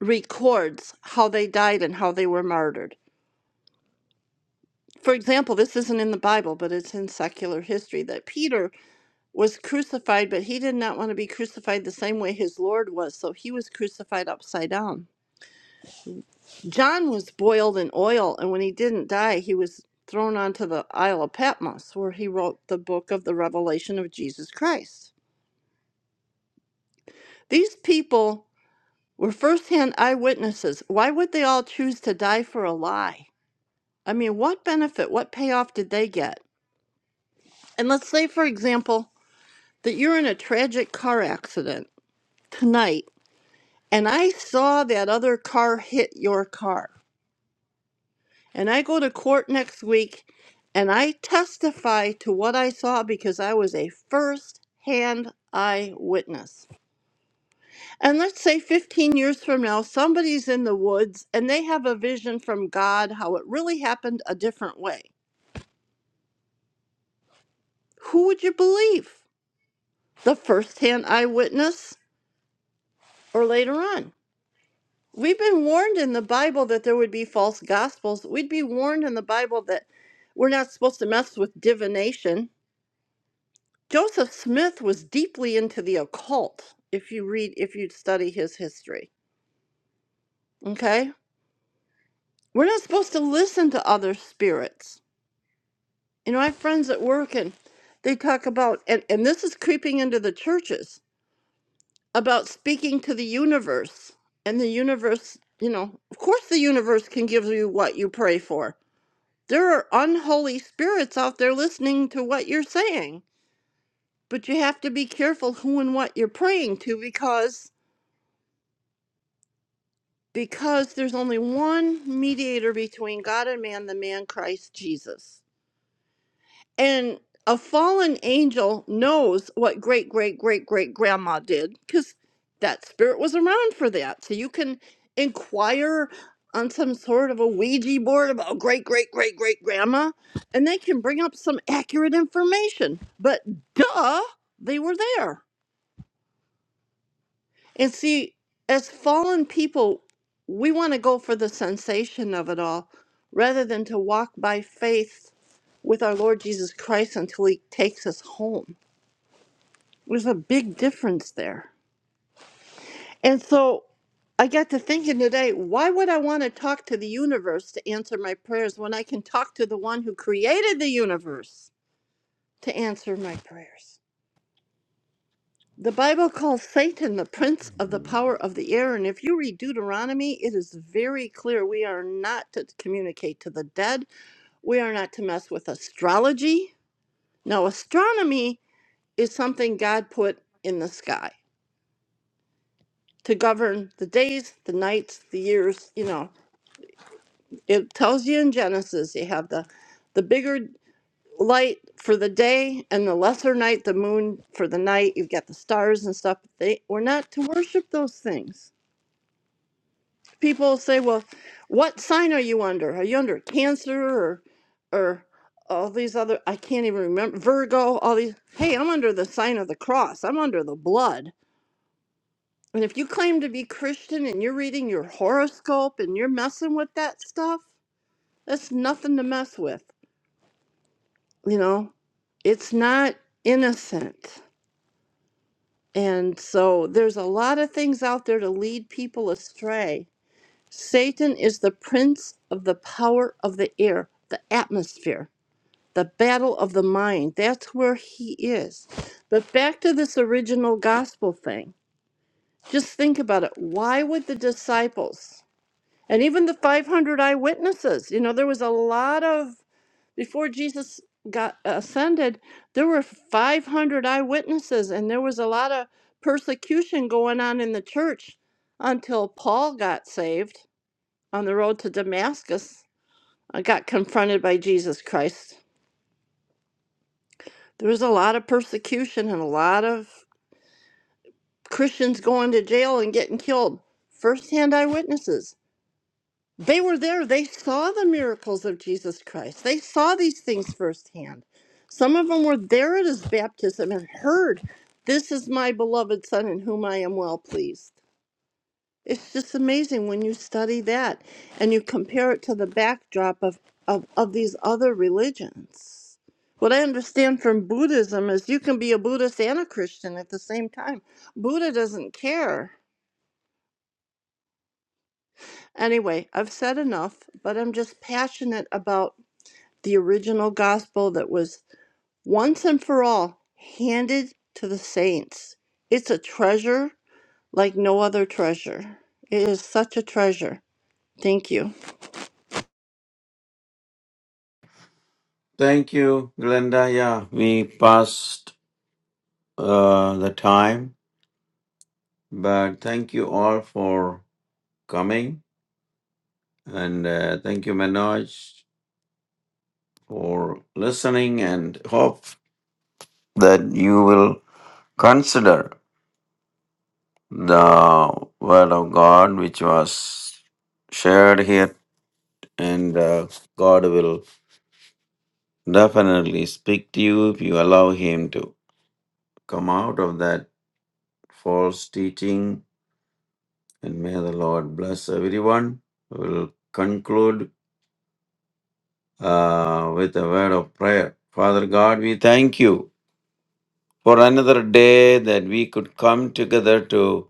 Speaker 6: records how they died and how they were martyred. For example, this isn't in the Bible, but it's in secular history that Peter was crucified, but he did not want to be crucified the same way his Lord was, so he was crucified upside down. John was boiled in oil, and when he didn't die, he was thrown onto the Isle of Patmos, where he wrote the book of the Revelation of Jesus Christ. These people were firsthand eyewitnesses. Why would they all choose to die for a lie? I mean, what benefit, what payoff did they get? And let's say, for example, that you're in a tragic car accident tonight, and I saw that other car hit your car. And I go to court next week and I testify to what I saw because I was a first hand eyewitness. And let's say 15 years from now, somebody's in the woods and they have a vision from God how it really happened a different way. Who would you believe? The first hand eyewitness or later on? We've been warned in the Bible that there would be false gospels. We'd be warned in the Bible that we're not supposed to mess with divination Joseph Smith was deeply into the occult if you read if you study his history. Okay? We're not supposed to listen to other spirits. You know, I have friends at work and they talk about and, and this is creeping into the churches about speaking to the universe. And the universe, you know, of course the universe can give you what you pray for. There are unholy spirits out there listening to what you're saying, but you have to be careful who and what you're praying to because because there's only one mediator between God and man, the man Christ Jesus. And a fallen angel knows what great great great great grandma did because that spirit was around for that. So you can inquire on some sort of a Ouija board about great great great great grandma, and they can bring up some accurate information. But duh, they were there. And see, as fallen people, we want to go for the sensation of it all rather than to walk by faith with our Lord Jesus Christ until He takes us home. There's a big difference there. And so I got to thinking today, why would I want to talk to the universe to answer my prayers when I can talk to the one who created the universe to answer my prayers? The Bible calls Satan the prince of the power of the air, and if you read Deuteronomy, it is very clear we are not to communicate to the dead. We are not to mess with astrology. Now, astronomy is something God put in the sky to govern the days, the nights, the years. You know, it tells you in Genesis you have the the bigger light for the day and the lesser night, the moon for the night. You've got the stars and stuff. They, we're not to worship those things people say, "Well, what sign are you under? Are you under Cancer or or all these other I can't even remember Virgo, all these Hey, I'm under the sign of the cross. I'm under the blood." And if you claim to be Christian and you're reading your horoscope and you're messing with that stuff, that's nothing to mess with. You know, it's not innocent. And so there's a lot of things out there to lead people astray Satan is the prince of the power of the air, the atmosphere, the battle of the mind. That's where he is. But back to this original gospel thing. Just think about it. Why would the disciples and even the 500 eyewitnesses, you know, there was a lot of, before Jesus got ascended, there were 500 eyewitnesses and there was a lot of persecution going on in the church until Paul got saved on the road to Damascus, I got confronted by Jesus Christ. There was a lot of persecution and a lot of Christians going to jail and getting killed. First-hand eyewitnesses. They were there. They saw the miracles of Jesus Christ. They saw these things firsthand. Some of them were there at his baptism and heard, This is my beloved Son in whom I am well pleased. It's just amazing when you study that and you compare it to the backdrop of, of, of these other religions. What I understand from Buddhism is you can be a Buddhist and a Christian at the same time. Buddha doesn't care. Anyway, I've said enough, but I'm just passionate about the original gospel that was once and for all handed to the saints. It's a treasure like no other treasure. It is such a treasure. Thank you.
Speaker 2: Thank you, Glenda. Yeah, we passed uh, the time, but thank you all for coming. And uh, thank you, Manoj, for listening and hope that you will consider the Word of God which was shared here. And uh, God will definitely speak to you if you allow Him to come out of that false teaching And may the Lord bless everyone. We'll conclude uh, with a word of prayer. Father God, we thank you for another day that we could come together to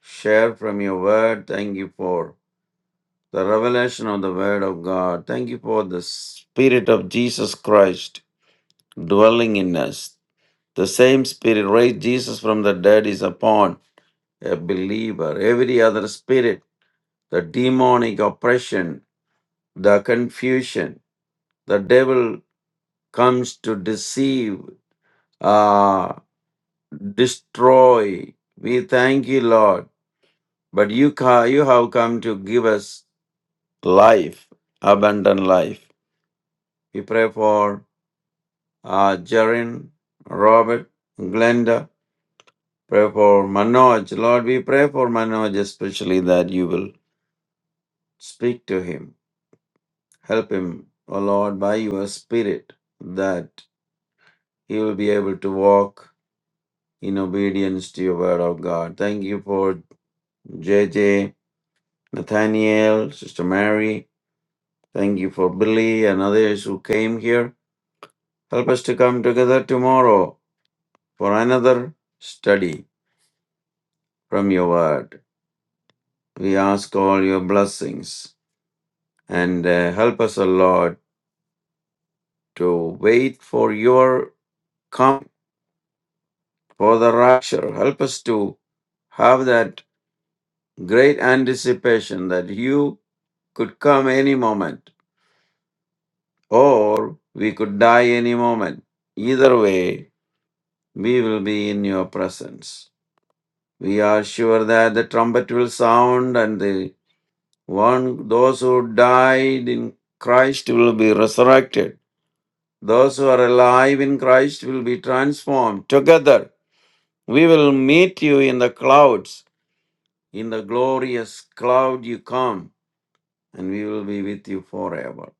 Speaker 2: share from your word. Thank you for the revelation of the word of God. Thank you for the spirit of Jesus Christ dwelling in us. The same spirit raised Jesus from the dead is upon a believer. Every other spirit, the demonic oppression, the confusion, the devil comes to deceive, uh, destroy. We thank you, Lord. But you, ca- you have come to give us life, abundant life. We pray for uh, Jarin, Robert, Glenda. Pray for Manoj. Lord, we pray for Manoj especially that you will speak to him. Help him, O Lord, by your spirit that he will be able to walk in obedience to your word of God. Thank you for JJ, Nathaniel, Sister Mary. Thank you for Billy and others who came here. Help us to come together tomorrow for another study from your word. We ask all your blessings and uh, help us, O Lord, to wait for your come for the rapture. Help us to have that great anticipation that you could come any moment or we could die any moment. Either way, we will be in your presence. We are sure that the trumpet will sound and the one those who died in Christ will be resurrected. Those who are alive in Christ will be transformed together. We will meet you in the clouds. In the glorious cloud you come, and we will be with you forever.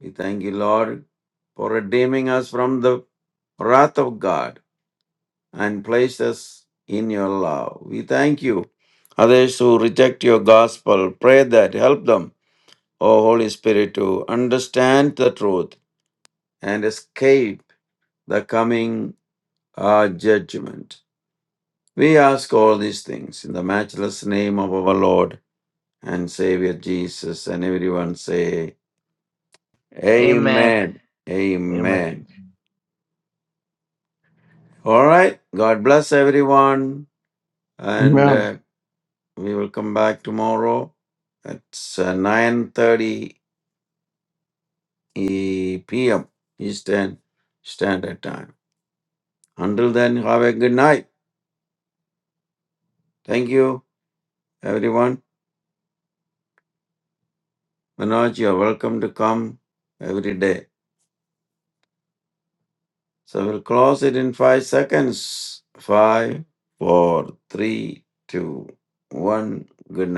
Speaker 2: We thank you, Lord, for redeeming us from the wrath of God and place us in your love. We thank you. Others who reject your gospel, pray that help them, O Holy Spirit, to understand the truth and escape the coming uh, judgment. We ask all these things in the matchless name of our Lord and Savior Jesus, and everyone say,
Speaker 1: Amen.
Speaker 2: Amen.
Speaker 1: Amen.
Speaker 2: Amen. All right. God bless everyone. And
Speaker 4: Amen.
Speaker 2: uh, We will come back tomorrow at uh, 9.30 p.m. Eastern Standard Time. Until then, have a good night. Thank you, everyone. Manoj, you are welcome to come every day. So we'll close it in five seconds. Five, four, three, two, one. Good night.